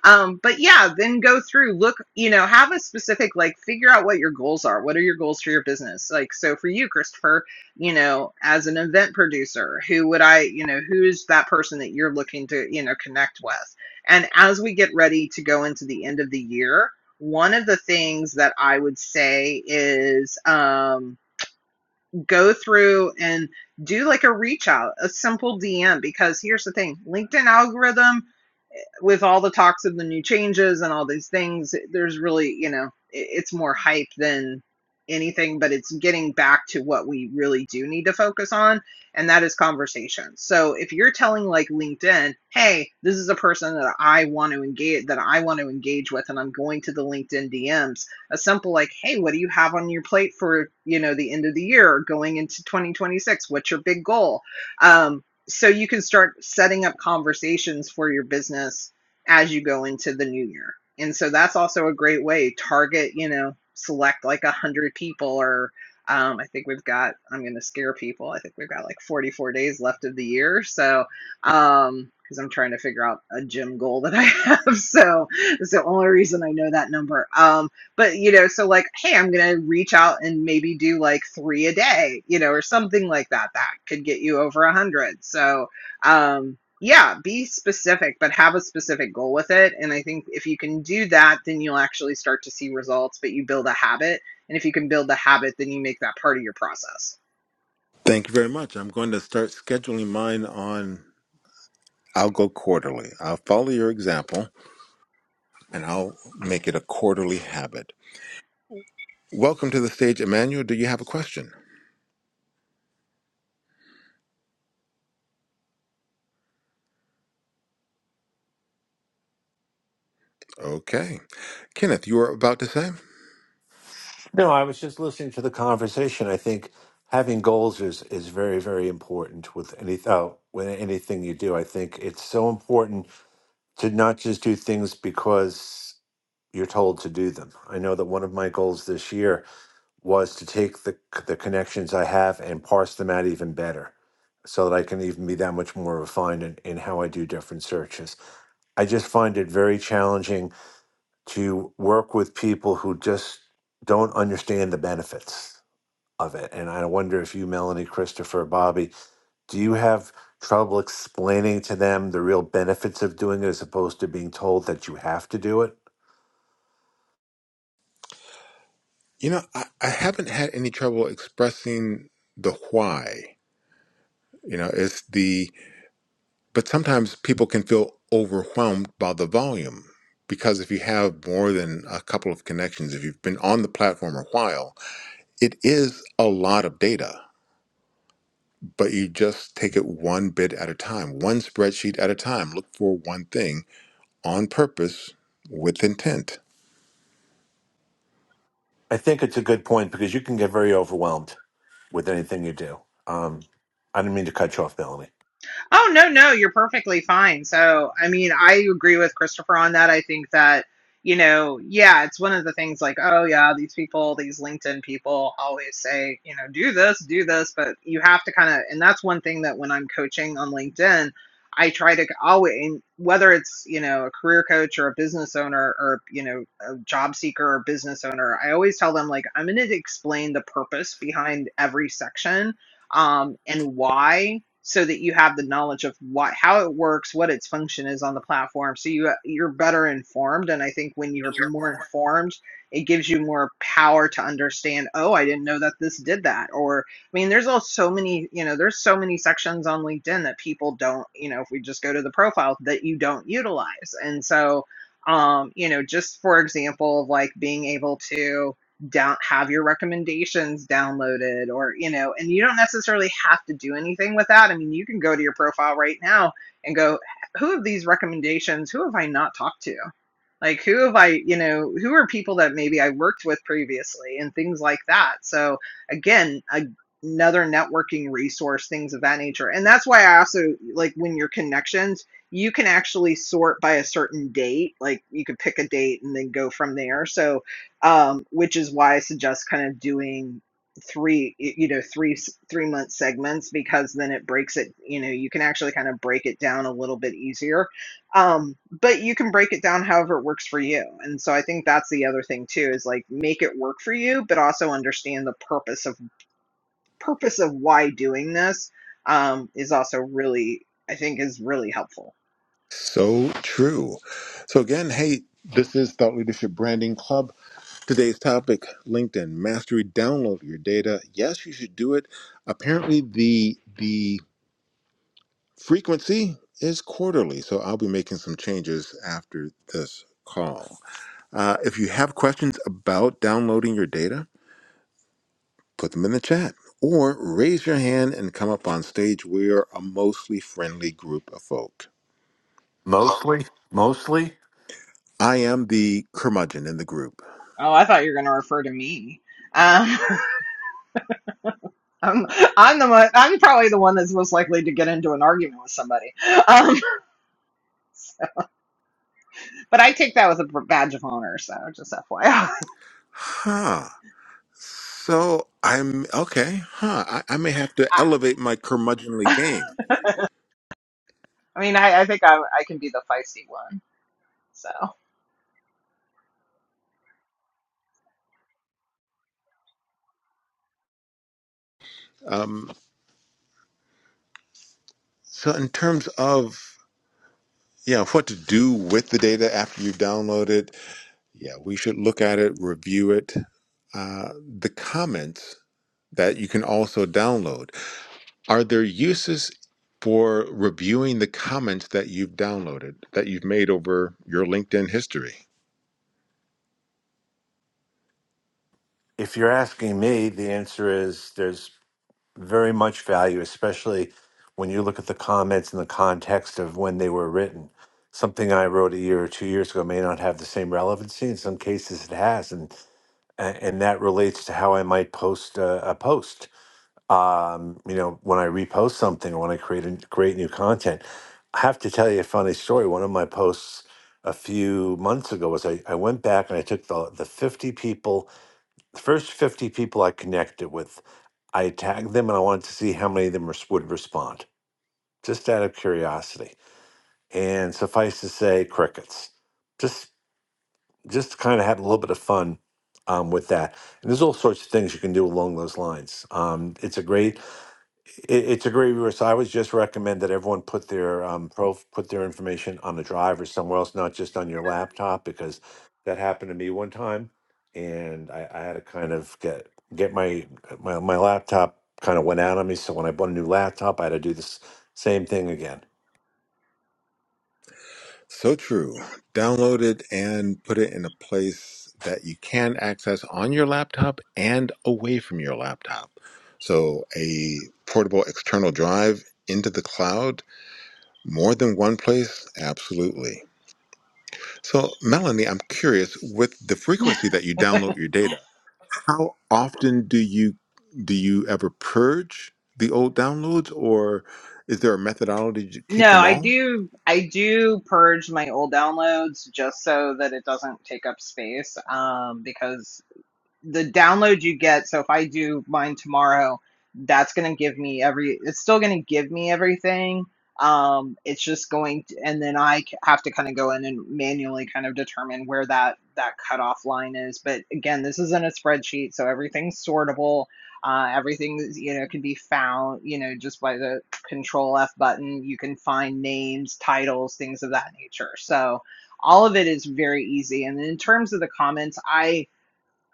Speaker 3: um but yeah then go through look you know have a specific like figure out what your goals are what are your goals for your business like so for you christopher you know as an event producer who would i you know who's that person that you're looking to you know connect with and as we get ready to go into the end of the year one of the things that i would say is um, go through and do like a reach out a simple dm because here's the thing linkedin algorithm with all the talks of the new changes and all these things, there's really, you know, it's more hype than anything, but it's getting back to what we really do need to focus on, and that is conversation. So if you're telling like LinkedIn, hey, this is a person that I want to engage that I want to engage with, and I'm going to the LinkedIn DMs, a simple like, hey, what do you have on your plate for you know the end of the year or going into 2026? What's your big goal? Um, so you can start setting up conversations for your business as you go into the new year. And so that's also a great way. Target, you know, select like a hundred people or um, I think we've got, I'm going to scare people. I think we've got like 44 days left of the year. So, um, cause I'm trying to figure out a gym goal that I have. So that's the only reason I know that number. Um, but you know, so like, Hey, I'm going to reach out and maybe do like three a day, you know, or something like that, that could get you over a hundred. So, um, yeah be specific but have a specific goal with it and i think if you can do that then you'll actually start to see results but you build a habit and if you can build the habit then you make that part of your process
Speaker 2: Thank you very much. I'm going to start scheduling mine on. I'll go quarterly. I'll follow your example and I'll make it a quarterly habit. Welcome to the stage, Emmanuel. Do you have a question? Okay. Kenneth, you were about to say?
Speaker 1: No, I was just listening to the conversation. I think having goals is is very, very important with any oh, with anything you do. I think it's so important to not just do things because you're told to do them. I know that one of my goals this year was to take the the connections I have and parse them out even better so that I can even be that much more refined in, in how I do different searches. I just find it very challenging to work with people who just don't understand the benefits of it. And I wonder if you, Melanie, Christopher, Bobby, do you have trouble explaining to them the real benefits of doing it as opposed to being told that you have to do it?
Speaker 2: You know, I, I haven't had any trouble expressing the why. You know, it's the, but sometimes people can feel overwhelmed by the volume because if you have more than a couple of connections, if you've been on the platform a while, it is a lot of data but you just take it one bit at a time, one spreadsheet at a time. Look for one thing on purpose with intent.
Speaker 1: I think it's a good point because you can get very overwhelmed with anything you do. Um, I didn't mean to cut you off, Melanie.
Speaker 3: Oh no, no, you're perfectly fine. So, I mean, I agree with Christopher on that. I think that, you know, yeah, it's one of the things like, oh yeah, these people, these LinkedIn people always say, you know, do this, do this, but you have to kind of and that's one thing that when I'm coaching on LinkedIn, I try to always and whether it's, you know, a career coach or a business owner or, you know, a job seeker or business owner, I always tell them like I'm going to explain the purpose behind every section um, and why so that you have the knowledge of what how it works what its function is on the platform so you you're better informed and i think when you're more informed it gives you more power to understand oh i didn't know that this did that or i mean there's all so many you know there's so many sections on linkedin that people don't you know if we just go to the profile that you don't utilize and so um you know just for example of like being able to down have your recommendations downloaded or you know and you don't necessarily have to do anything with that i mean you can go to your profile right now and go who have these recommendations who have i not talked to like who have i you know who are people that maybe i worked with previously and things like that so again a, another networking resource things of that nature and that's why i also like when your connections you can actually sort by a certain date like you could pick a date and then go from there so um which is why i suggest kind of doing three y- you know three s- three month segments because then it breaks it you know you can actually kind of break it down a little bit easier um but you can break it down however it works for you and so i think that's the other thing too is like make it work for you but also understand the purpose of purpose of why doing this um is also really i think is really helpful
Speaker 2: So true. So, again, hey, this is Thought Leadership Branding Club. Today's topic LinkedIn Mastery. Download your data. Yes, you should do it. Apparently, the, the frequency is quarterly. So, I'll be making some changes after this call. Uh, if you have questions about downloading your data, put them in the chat or raise your hand and come up on stage. We're a mostly friendly group of folk.
Speaker 1: Mostly, mostly,
Speaker 2: I am the curmudgeon in the group.
Speaker 3: oh i thought you were going to refer to me um i'm i'm the mo- i'm probably the one that's most likely to get into an argument with somebody um but i take that with a badge of honor so just fyi i,
Speaker 2: Huh. So I'm okay. Huh. I, I may have to elevate my curmudgeonly
Speaker 3: I,
Speaker 2: game.
Speaker 3: I mean I, I think I, I can be the feisty one so
Speaker 2: Um, so in terms of yeah, what to do with the data after you download it? Yeah, we should look at it, review it. Uh, the comments that you can also download. Are there uses for reviewing the comments that you've downloaded, that you've made over your LinkedIn history?
Speaker 1: if you're asking me, the answer is there's very much value, especially when you look at the comments in the context of when they were written. Something I wrote a year or two years ago may not have the same relevancy. In some cases, it has, and and that relates to how I might post a, a post. Um, you know, when I repost something or when I create a, create new content, I have to tell you a funny story. One of my posts a few months ago was I, I went back and I took the the fifty people the first 50 people I connected with, I tagged them and I wanted to see how many of them res- would respond, just out of curiosity. And suffice to say, crickets. Just just kind of had a little bit of fun um, with that. And there's all sorts of things you can do along those lines. Um, it's a great it, it's a great resource. I would just recommend that everyone put their um, prof, put their information on the drive or somewhere else, not just on your laptop, because that happened to me one time, and I, I had to kind of get get my my my laptop kind of went out on me. So when I bought a new laptop, I had to do this same thing again.
Speaker 2: So true. Download it and put it in a place that you can access on your laptop and away from your laptop. So, a portable external drive into the cloud, more than one place? Absolutely. So, Melanie, I'm curious with the frequency that you download your data, How often do you do you ever purge the old downloads, or is there a methodology to keep
Speaker 3: No,
Speaker 2: them
Speaker 3: I
Speaker 2: all?
Speaker 3: do. I do purge my old downloads just so that it doesn't take up space. Um, because the download you get so if i do mine tomorrow that's going to give me every it's still going to give me everything um it's just going to, and then I have to kind of go in and manually kind of determine where that that cutoff line is but again this isn't a spreadsheet so everything's sortable uh, everything is, you know can be found you know just by the control f button you can find names titles things of that nature so all of it is very easy and in terms of the comments i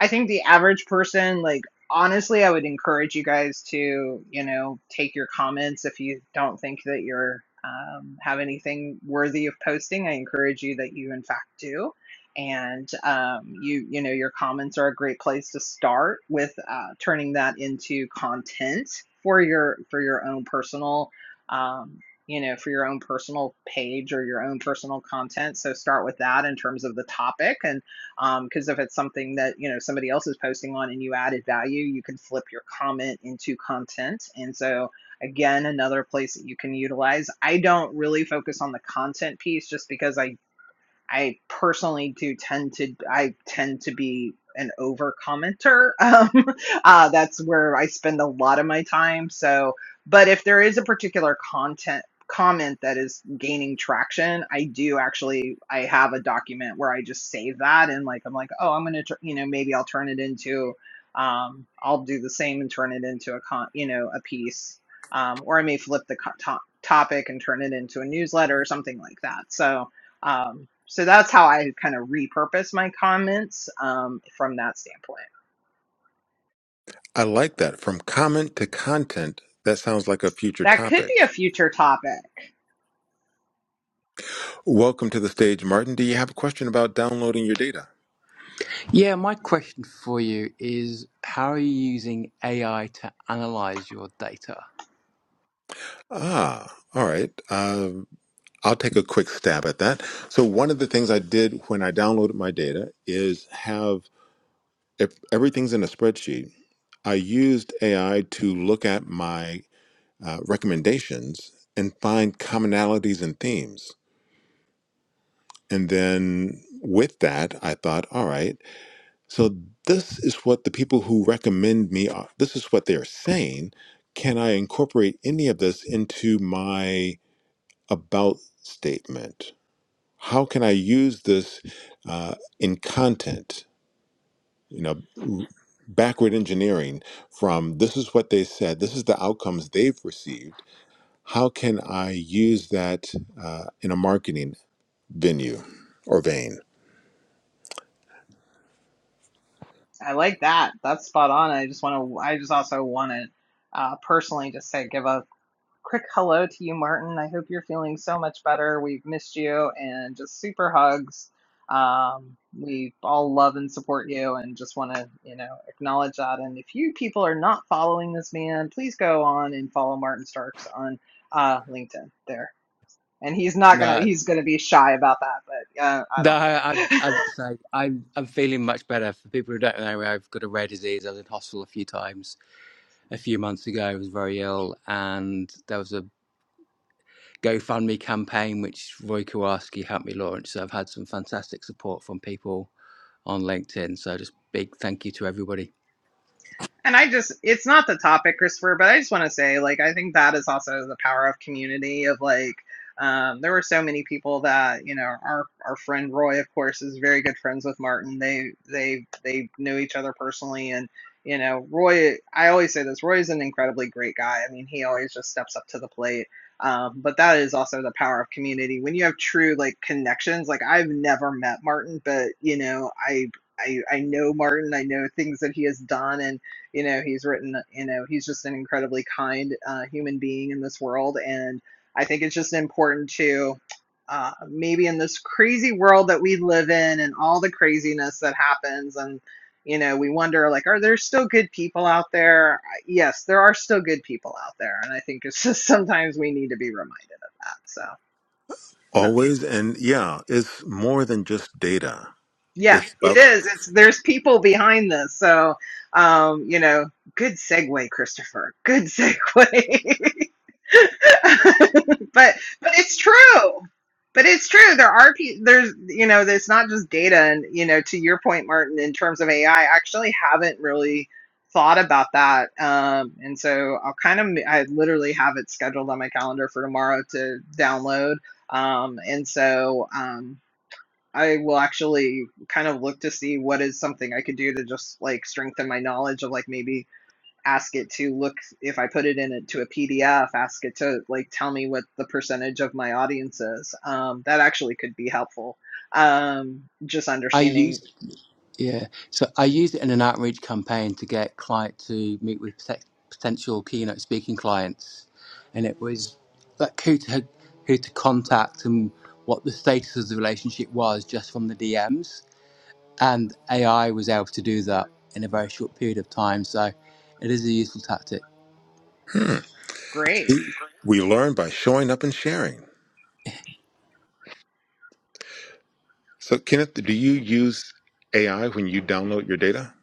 Speaker 3: I think the average person, like, honestly, I would encourage you guys to, you know, take your comments if you don't think that you're um, have anything worthy of posting. I encourage you that you, in fact, do. And um, you, you know, your comments are a great place to start with uh, turning that into content for your for your own personal, um, you know, for your own personal page or your own personal content. So start with that in terms of the topic, and um, because if it's something that you know somebody else is posting on and you added value you can flip your comment into content and so again another place that you can utilize i don't really focus on the content piece just because i I personally do tend to I tend to be an over commenter. Um, uh, that's where I spend a lot of my time. So, but if there is a particular content comment that is gaining traction, I do actually I have a document where I just save that and like I'm like, oh, I'm gonna you know maybe I'll turn it into um, I'll do the same and turn it into a con you know a piece. Um, or I may flip the co- to- topic and turn it into a newsletter or something like that. So, um, so that's how I kind of repurpose my comments um, from that standpoint.
Speaker 2: I like that. From comment to content, that sounds like a future
Speaker 3: That could
Speaker 2: topic.
Speaker 3: be a future topic.
Speaker 2: Welcome to the stage, Martin. Do you have a question about downloading your data?
Speaker 6: Yeah, my question for you is how are you using AI to analyze your data?
Speaker 2: Ah, all right. Uh, I'll take a quick stab at that. So, one of the things I did when I downloaded my data is have if everything's in a spreadsheet. I used AI to look at my uh, recommendations and find commonalities and themes. And then with that, I thought, all right, so this is what the people who recommend me are, this is what they're saying. Can I incorporate any of this into my about statement? How can I use this uh, in content? You know, r- backward engineering from this is what they said, this is the outcomes they've received How can I use that uh, in a marketing venue or vein?
Speaker 3: I like that. That's spot on. I just want to. I just also want to uh, personally just say give a quick hello to you, Martin. I hope you're feeling so much better. We've missed you, and just super hugs. Um, we all love and support you, and just want to you know acknowledge that. And if you people are not following this man, please go on and follow Martin Starks on uh, LinkedIn. There and he's not gonna
Speaker 6: No,
Speaker 3: he's gonna be shy about that but uh, i don't
Speaker 6: no,
Speaker 3: care
Speaker 6: I, I'd say I'm, I'm feeling much better. For people who don't know, I've got a rare disease. I was in hospital a few times. A few months ago, I was very ill, and there was a GoFundMe campaign which Roy Kowarski helped me launch. So I've had some fantastic support from people on LinkedIn. So just big thank you to everybody.
Speaker 3: And I just, it's not the topic, Christopher, but I just want to say, like, I think that is also the power of community of like, um, there were so many people that, you know, our, our friend Roy, of course, is very good friends with Martin. They, they, they knew each other personally. And, you know, Roy, I always say this, Roy is an incredibly great guy. I mean, he always just steps up to the plate. Um, but that is also the power of community. When you have true like connections, like I've never met Martin, but you know, I, I, I know Martin, I know things that he has done. And, you know, he's written, you know, he's just an incredibly kind uh, human being in this world. And I think it's just important to uh, maybe in this crazy world that we live in and all the craziness that happens and you know we wonder like are there still good people out there yes there are still good people out there and i think it's just sometimes we need to be reminded of that so no
Speaker 2: Always and yeah, it's more than just data.
Speaker 3: yeah
Speaker 2: It's
Speaker 3: it
Speaker 2: about
Speaker 3: is
Speaker 2: connection.
Speaker 3: it's there's people behind this so um you know good segue christopher good segue but but it's true. But it's true. There are pe- there's you know there's not just data and you know to your point, Martin, in terms of AI, I I actually haven't really thought about that. Um, and so I'll kind of I literally have it scheduled on my calendar for tomorrow to download. Um, and so um, I will actually kind of look to see what is something I could do to just like strengthen my knowledge of like maybe ask it to look if I put it in it to a PDF, ask it to like tell me what the percentage of my audience is. Um, that actually could be helpful. Um, just
Speaker 6: I
Speaker 3: understanding.
Speaker 6: used Yeah. So I used it in an outreach campaign to get client to meet with pote- potential keynote speaking clients, and it was like who to who to contact and what the status of the relationship was just from the DMs. And AI was able to do that in a very short period of time. So it is a useful tactic.
Speaker 2: Hmm.
Speaker 3: Great.
Speaker 2: We learn by showing up and sharing. So, Kenneth, do you use AI when you download your data?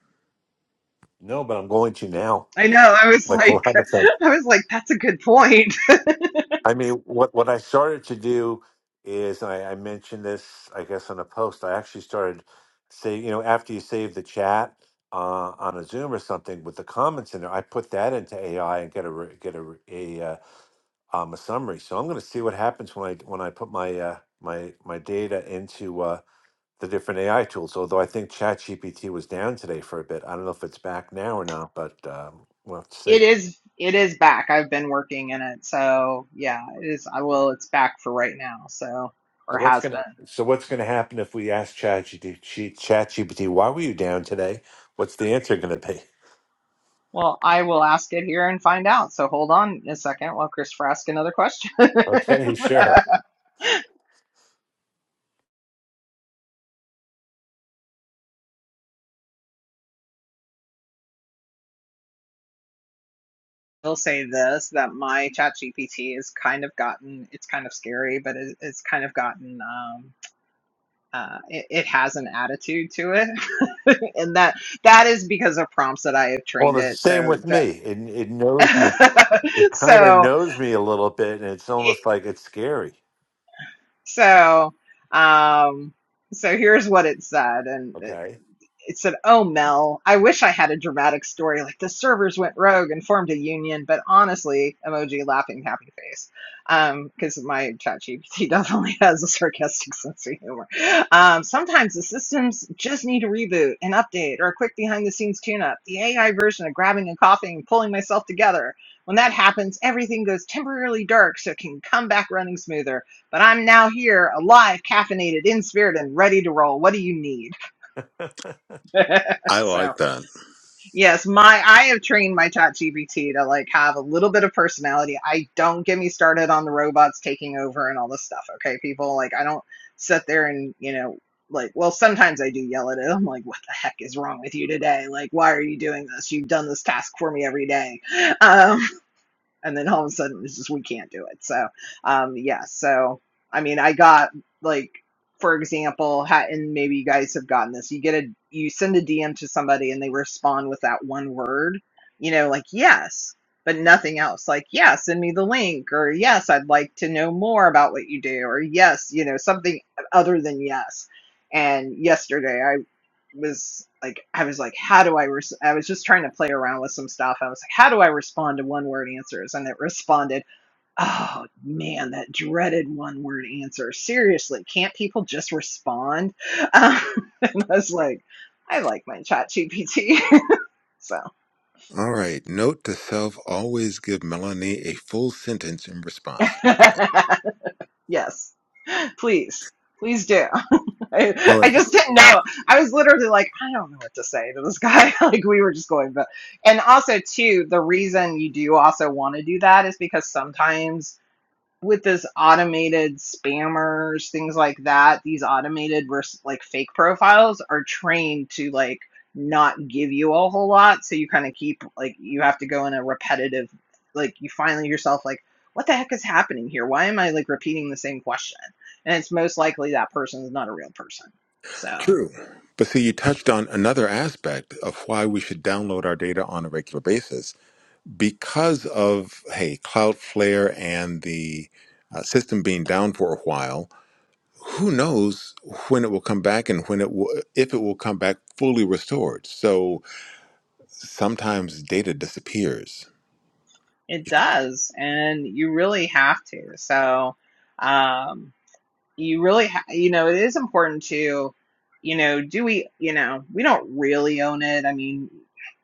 Speaker 1: No, but I'm going to now,
Speaker 3: I know. I was
Speaker 1: like a
Speaker 3: like,
Speaker 1: lot of folks.
Speaker 3: I was like, that's a good point.
Speaker 1: I mean, what what I started to do is and I, I mentioned this, I guess, on a post. I actually started say, you know, after you save the chat uh, on a Zoom or something with the comments in there, I put that into AI and get a re- get a re- a uh, um, a summary. So I'm going to see what happens when I when I put my uh, my my data into uh, the different AI tools. Although I think ChatGPT was down today for a bit. I don't know if it's back now or not, but um, we'll have to see.
Speaker 3: It is. It is back. I've been working in it, so yeah, it is. I will. It's back for right now. So or
Speaker 1: So what's
Speaker 3: has been.
Speaker 1: gonna so what's gonna happen if we ask ChatGPT, ChatGPT, why were you down today? What's the answer gonna be?
Speaker 3: Well, I will ask it here and find out. So hold on a second while Christopher asks another question.
Speaker 1: Okay, sure.
Speaker 3: will say this that my ChatGPT has kind of gotten it's kind of scary but it, it's kind of gotten um uh it, it has an attitude to it and that that is because of prompts that i have
Speaker 1: Well,
Speaker 3: trained
Speaker 1: the
Speaker 3: it
Speaker 1: same
Speaker 3: so
Speaker 1: with me. It it knows me. It kind of
Speaker 3: so
Speaker 1: knows me a little bit, and it's almost
Speaker 3: it
Speaker 1: like it's scary.
Speaker 3: so um so here's what it said and. it,
Speaker 1: Okay,
Speaker 3: it said, "Oh Mel, I wish I had a dramatic story like the servers went rogue and formed a union." But honestly, emoji laughing happy face, because um, my ChatGPT definitely has a sarcastic sense of humor. Um, sometimes the systems just need a reboot, an update, or a quick behind the scenes tune up. The AI version of grabbing and coughing, and pulling myself together. When that happens, everything goes temporarily dark, so it can come back running smoother. But I'm now here, alive, caffeinated, in spirit, and ready to roll. What do you need?
Speaker 1: we're
Speaker 2: I
Speaker 3: so.
Speaker 2: like that.
Speaker 3: Yes, my I have trained my chat GPT to like have a little bit of personality. I don't get me started on the robots taking over and all this stuff. Okay, people, like I don't sit there and, you know, like well sometimes I do yell at it. I'm like, what the heck is wrong with you today? Like, why are you doing this? You've done this task for me every day. Um and then all of a sudden it was just we can't do it so um yeah so i mean i got like for example ha- and maybe you guys have gotten this you get a you send a dm to somebody and they respond with that one word you know like yes but nothing else like yeah send me the link or yes i'd like to know more about what you do or yes you know something other than yes and yesterday I was like I was like how do I res-? I was just trying to play around with some stuff. I was like how do I respond to one word answers and it responded, "Oh man, that dreaded one word answer. Seriously, can't people just respond?" Um, and I was like I like my chat GPT. so,
Speaker 2: All right. Note to self always give Melanie a full sentence in response.
Speaker 3: yes, please. Please do. I,
Speaker 2: All
Speaker 3: I
Speaker 2: right.
Speaker 3: just didn't know. I was literally like, I don't know what to say to this guy. like we were just going, but and also too, the reason you do also want to do that is because sometimes with this automated spammers, things like that, these automated vers- like fake profiles are trained to like not give you a whole lot. So you kind of keep like you have to go in a repetitive, like you finally yourself like, what the heck is happening here? Why am I like repeating the same question? And it's most likely that person is not a real person. So
Speaker 2: True. But see, you touched on another aspect of why we should download our data on a regular basis. because of hey cloudflare and the uh, system being down for a while who knows when it will come back and when it will if it will come back fully restored so sometimes data disappears
Speaker 3: it does, and you really have to. So um you really ha- you know it is important to you know do we you know we don't really own it i mean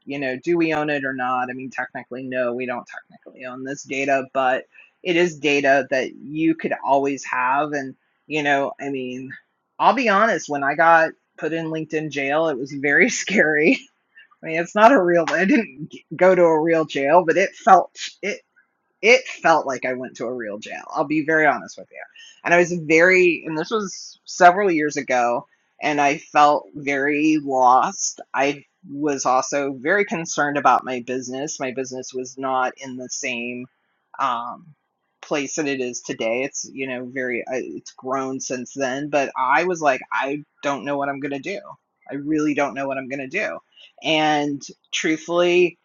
Speaker 3: you know do we own it or not i mean technically no we don't technically own this data but it is data that you could always have and you know i mean i'll be honest when i got put in linkedin jail it was very scary I mean, it's not a real. I didn't g- go to a real jail, but it felt it it felt like I went to a real jail. I'll be very honest with you. And I was very, and this was several years ago, and I felt very lost. I was also very concerned about my business. My business was not in the same um, place that it is today. It's, you know, very, I- it's grown since then. But I was like, I don't know what I'm going to do. I really don't know what I'm going to do. And truthfully,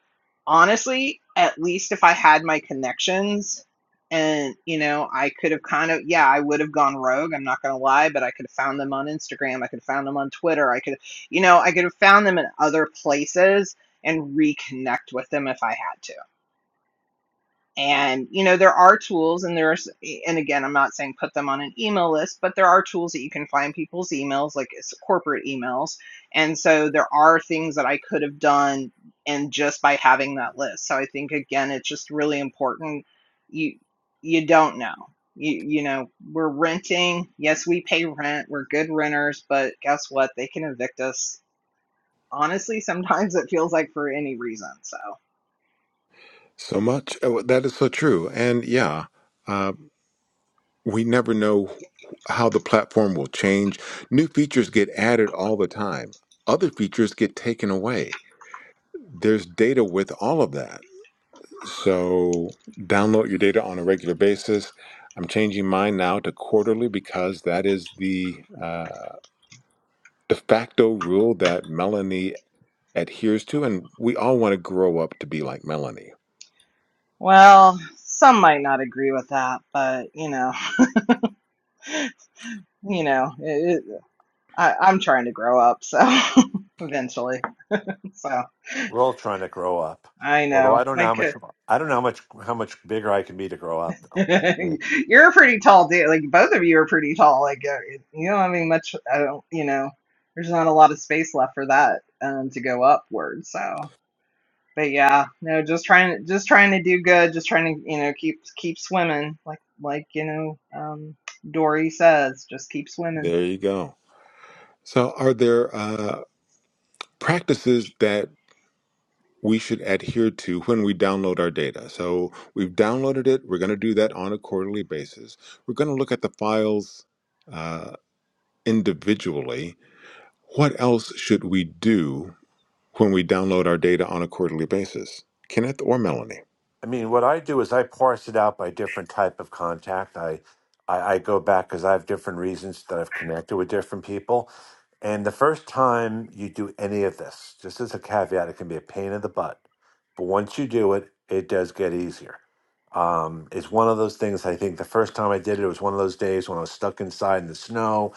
Speaker 3: honestly, at least if I had my connections and, you know, I could have kind of, yeah, I would have gone rogue. I'm not going to lie, but I could have found them on Instagram. I could have found them on Twitter. I could, you know, I could have found them in other places and reconnect with them if I had to. And you know there are tools, and there's and again, I'm not saying put them on an email list, but there are tools that you can find people's emails, like it's corporate emails. And so there are things that I could have done, and just by having that list. So I think again, it's just really important. You you don't know. You you know we're renting. Yes, we pay rent. We're good renters, but guess what? They can evict us. Honestly, sometimes it feels like for any reason. So.
Speaker 2: so much oh, that is so true and yeah uh, we never know how the platform will change new features get added all the time other features get taken away there's data with all of that So download your data on a regular basis. I'm changing mine now to quarterly because that is the uh, de facto rule that Melanie adheres to, and we all want to grow up to be like Melanie.
Speaker 3: Well, some might not agree with that, but you know, you know, it, it, I, I'm trying to grow up, so eventually. So
Speaker 1: all trying to grow up.
Speaker 3: I
Speaker 1: Although I
Speaker 3: know
Speaker 1: don't know
Speaker 3: my
Speaker 1: how much
Speaker 3: kid.
Speaker 1: I don't know how much how much bigger I can be to grow up.
Speaker 3: You're a pretty tall dude. Like both of you are pretty tall. Like uh, it- you don't have any much. I don't. You know, there's not a lot of space left for that um, to go upward. So, but yeah, no, just trying, just trying to do good. Just trying to, you know, keep keep swimming. Like like you know, um, Dory says, just keep swimming.
Speaker 2: There you go. So, are there uh, practices that we should adhere to when we download our data? So, we've downloaded it. We're going to do that on a quarterly basis. We're going to look at the files uh, individually. What else should we do when we download our data on a quarterly basis. Kenneth or Melanie?
Speaker 1: I mean, what I do is I parse it out by different type of contact. I I, I go back because I have different reasons that I've connected with different people. And the first time you do any of this, just as a caveat, it can be a pain in the butt. But once you do it, it does get easier. Um, it's one of those things I think the first time I did it, it was one of those days when I was stuck inside in the snow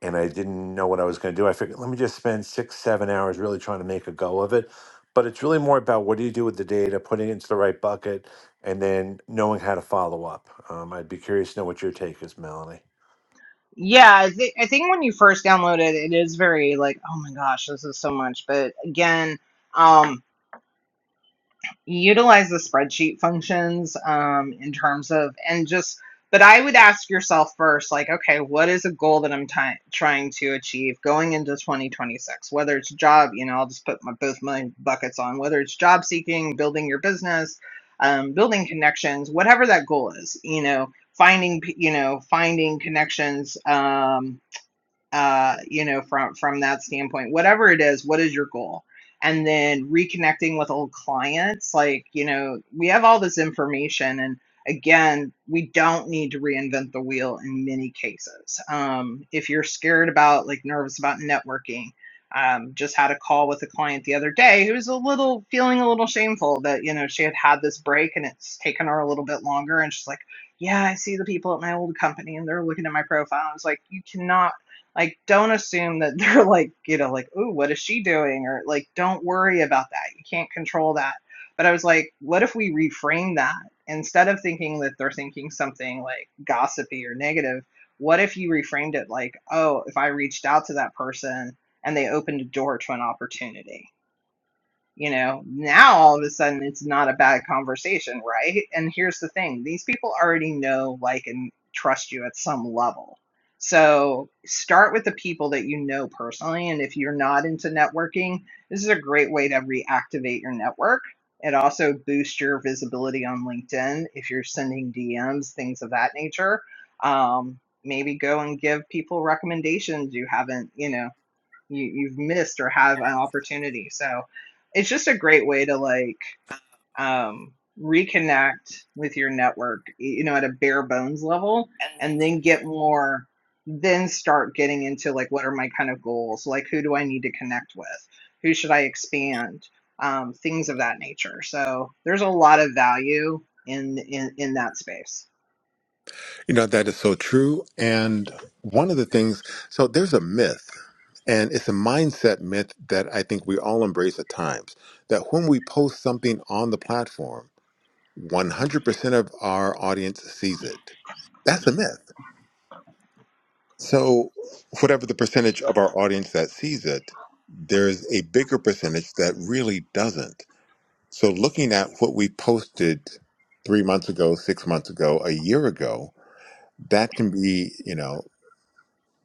Speaker 1: and I didn't know what I was going to do. I figured, let me just spend six, seven hours really trying to make a go of it. But it's really more about what do you do with the data, putting it into the right bucket, and then knowing how to follow up. Um, I'd be curious to know what your take is, Melanie.
Speaker 3: Yeah, I, th I think when you first download it, it is very like, oh my gosh, this is so much. But again, um, utilize the spreadsheet functions um, in terms of, and just, but I would ask yourself first, like, okay, what is a goal that I'm ty- trying to achieve going into 2026? Whether it's job, you know, I'll just put my, both my buckets on, whether it's job seeking, building your business, um, building connections, whatever that goal is, you know, finding, p- you know, finding connections. Um, uh, you know, from from that standpoint, whatever it is, what is your goal? And then reconnecting with old clients, like, you know, we have all this information and again, we don't need to reinvent the wheel in many cases. Um, if you're scared about like nervous about networking, um, just had a call with a client the other day who was a little feeling a little shameful that, you know, she had had this break and it's taken her a little bit longer. And she's like, yeah, I see the people at my old company and they're looking at my profile. I was like, you cannot like, don't assume that they're like, you know, like, ooh, what is she doing? Or like, don't worry about that. You can't control that. But I was like, what if we reframe that? Instead of thinking that they're thinking something like gossipy or negative, what if you reframed it like, oh, if I reached out to that person and they opened a door to an opportunity? you know now all of a sudden it's not a bad conversation right and here's the thing these people already know like and trust you at some level so start with the people that you know personally and if you're not into networking this is a great way to reactivate your network it also boosts your visibility on linkedin if you're sending dms things of that nature um, maybe go and give people recommendations you haven't you know you you've missed or have an opportunity. So it's just a great way to like um, reconnect with your network, you know, at a bare bones level, and then get more. Then start getting into like what are my kind of goals? Like who do I need to connect with? Who should I expand? Um, things of that nature. So there's a lot of value in in in that space.
Speaker 2: You know, that is so true. And one of the things, so there's a myth, and it's a mindset myth that I think we all embrace at times that when we post something on the platform, 100% of our audience sees it. That's a myth. So, whatever the percentage of our audience that sees it, there's a bigger percentage that really doesn't. So, looking at what we posted three months ago, six months ago, a year ago, that can be, you know,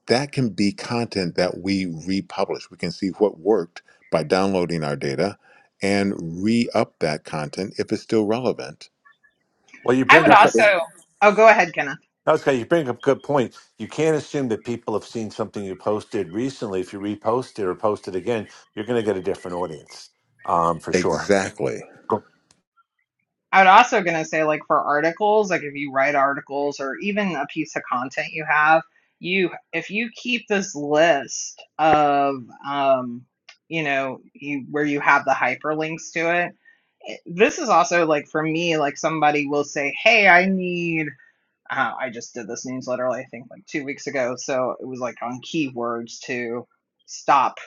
Speaker 2: that can be content that we republish. We can see what worked by downloading our data and re up that content if it's still relevant.
Speaker 1: Well, you
Speaker 3: I
Speaker 1: bring
Speaker 3: would
Speaker 1: up,
Speaker 3: also.
Speaker 2: Re-engage.
Speaker 3: Oh, go ahead, Kenna.
Speaker 1: okay, you bring up a good point. You can't assume that people have seen something you posted recently. If you repost it or post it again, you're going to get a different audience um, for sure.
Speaker 2: Exactly.
Speaker 1: Cool.
Speaker 3: I would also gonna say like for articles, like if you write articles or even a piece of content you have, you if you keep this list of um you know you where you have the hyperlinks to it, it- this is also like for me like somebody will say, "Hey, I need uh, I just did this newsletter, I think, like two weeks ago. So it was like on keywords to stop,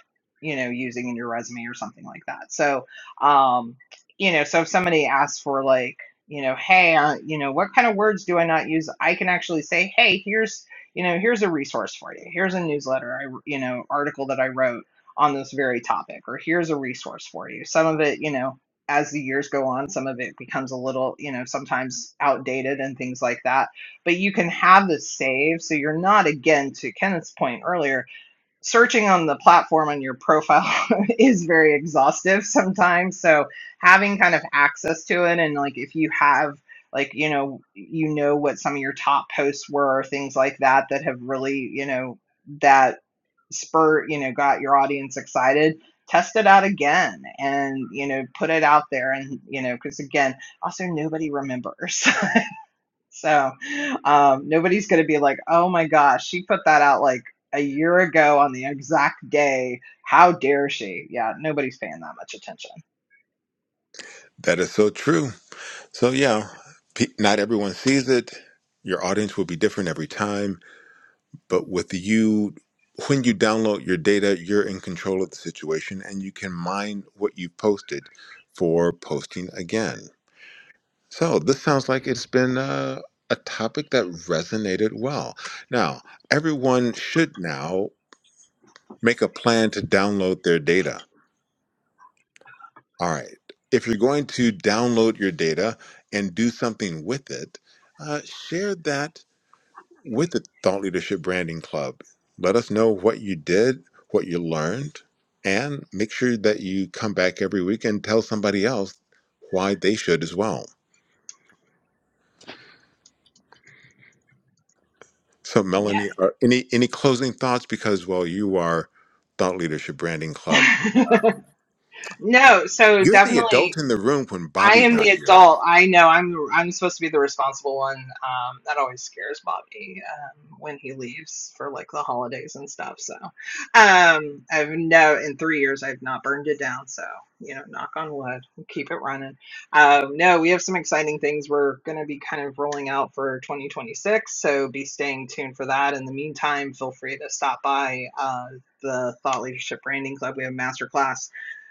Speaker 3: you know, using in your resume or something like that. So, um, you know, so if somebody asks for like, you know, hey, uh, you know, what kind of words do I not use? I can actually say, hey, here's, you know, here's a resource for you. Here's a newsletter, I, you know, article that I wrote on this very topic, or here's a resource for you. Some of it, you know, as the years go on, some of it becomes a little, you know, sometimes outdated and things like that but you can have this saved so you're not again to kenneth's point earlier searching on the platform on your profile is very exhaustive sometimes so having kind of access to it and like if you have like you know you know what some of your top posts were things like that that have really you know that spurt you know got your audience excited test it out again and you know put it out there and you know because again also nobody remembers So um, nobody's going to be like, oh my gosh, she put that out like a year ago on the exact day. How dare she? Yeah, nobody's paying that much attention.
Speaker 2: That is so true. So, yeah, pe- not everyone sees it. Your audience will be different every time But with you, when you download your data, you're in control of the situation and you can mine what you posted for posting again. So this sounds like it's been uh, a topic that resonated well. Now, everyone should now make a plan to download their data. All right. If you're going to download your data and do something with it, uh, share that With the Thought Leadership Branding Club, let us know what you did, what you learned, and make sure that you come back every week and tell somebody else why they should as well. So,
Speaker 3: Yeah.
Speaker 2: Melanie, are any any closing thoughts? Because well, you are Thought Leadership Branding Club.
Speaker 3: no, so
Speaker 2: You're the
Speaker 3: definitely.
Speaker 2: adult in the room when
Speaker 3: I
Speaker 2: Bobby's
Speaker 3: am the
Speaker 2: not here.
Speaker 3: adult. I know I'm I'm supposed to be the responsible one. Um, that always scares Bobby um, when he leaves for like the holidays and stuff. So um, I've no in three years I've not burned it down. So you know, knock on wood, keep it running. Um, no, we have some exciting things we're going to be kind of rolling out for 2026. So be staying tuned for that. In the meantime, feel free to stop by uh, the Thought Leadership Branding Club. We have a masterclass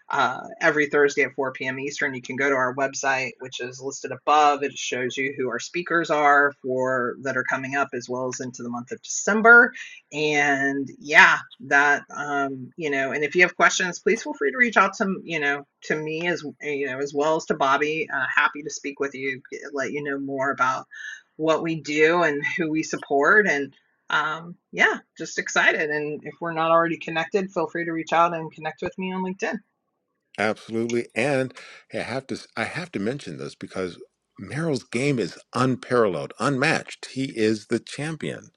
Speaker 3: uh, every Thursday at 4 p.m. Eastern. You can go to our website, which is listed above. It shows you who our speakers are for that are coming up, as well as into the month of December. And yeah, that um, you know. And if you have questions, please feel free to reach out to you know to me as you know as well as to Bobby. Uh, happy to speak with you, let you know more about what we do and who we support and um yeah just excited and if we're not already connected feel free to reach out and connect with me on linkedin
Speaker 2: Absolutely, and I have to I have to mention this because Merrill's game is unparalleled, unmatched. He is the champion.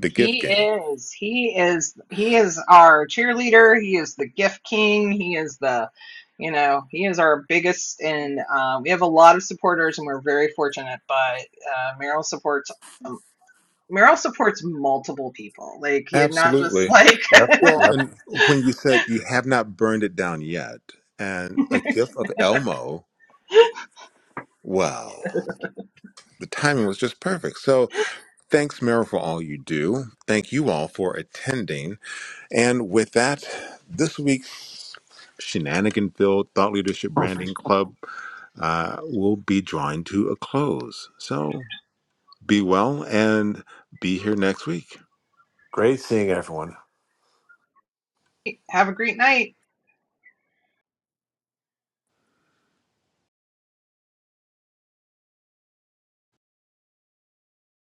Speaker 2: The gift
Speaker 3: he
Speaker 2: game.
Speaker 3: is. He is. He is our cheerleader. He is the gift king. He is the, you know, he is our biggest, and uh, we have a lot of supporters, and we're very fortunate. But uh, Meryl supports. um, Meryl supports multiple people. Like he had not just
Speaker 2: Absolutely.
Speaker 3: like
Speaker 1: Yep.
Speaker 2: Well,
Speaker 1: Yep.
Speaker 2: and when you said you have not burned it down yet, and a gift of Elmo, well, the timing was just perfect. So thanks, Meryl, for all you do. Thank you all for attending. And with that, this week's Shenanigan Filled Thought Leadership Branding Club uh, will be drawing to a close. So be well and be here next week.
Speaker 1: Great seeing everyone.
Speaker 3: have a great night.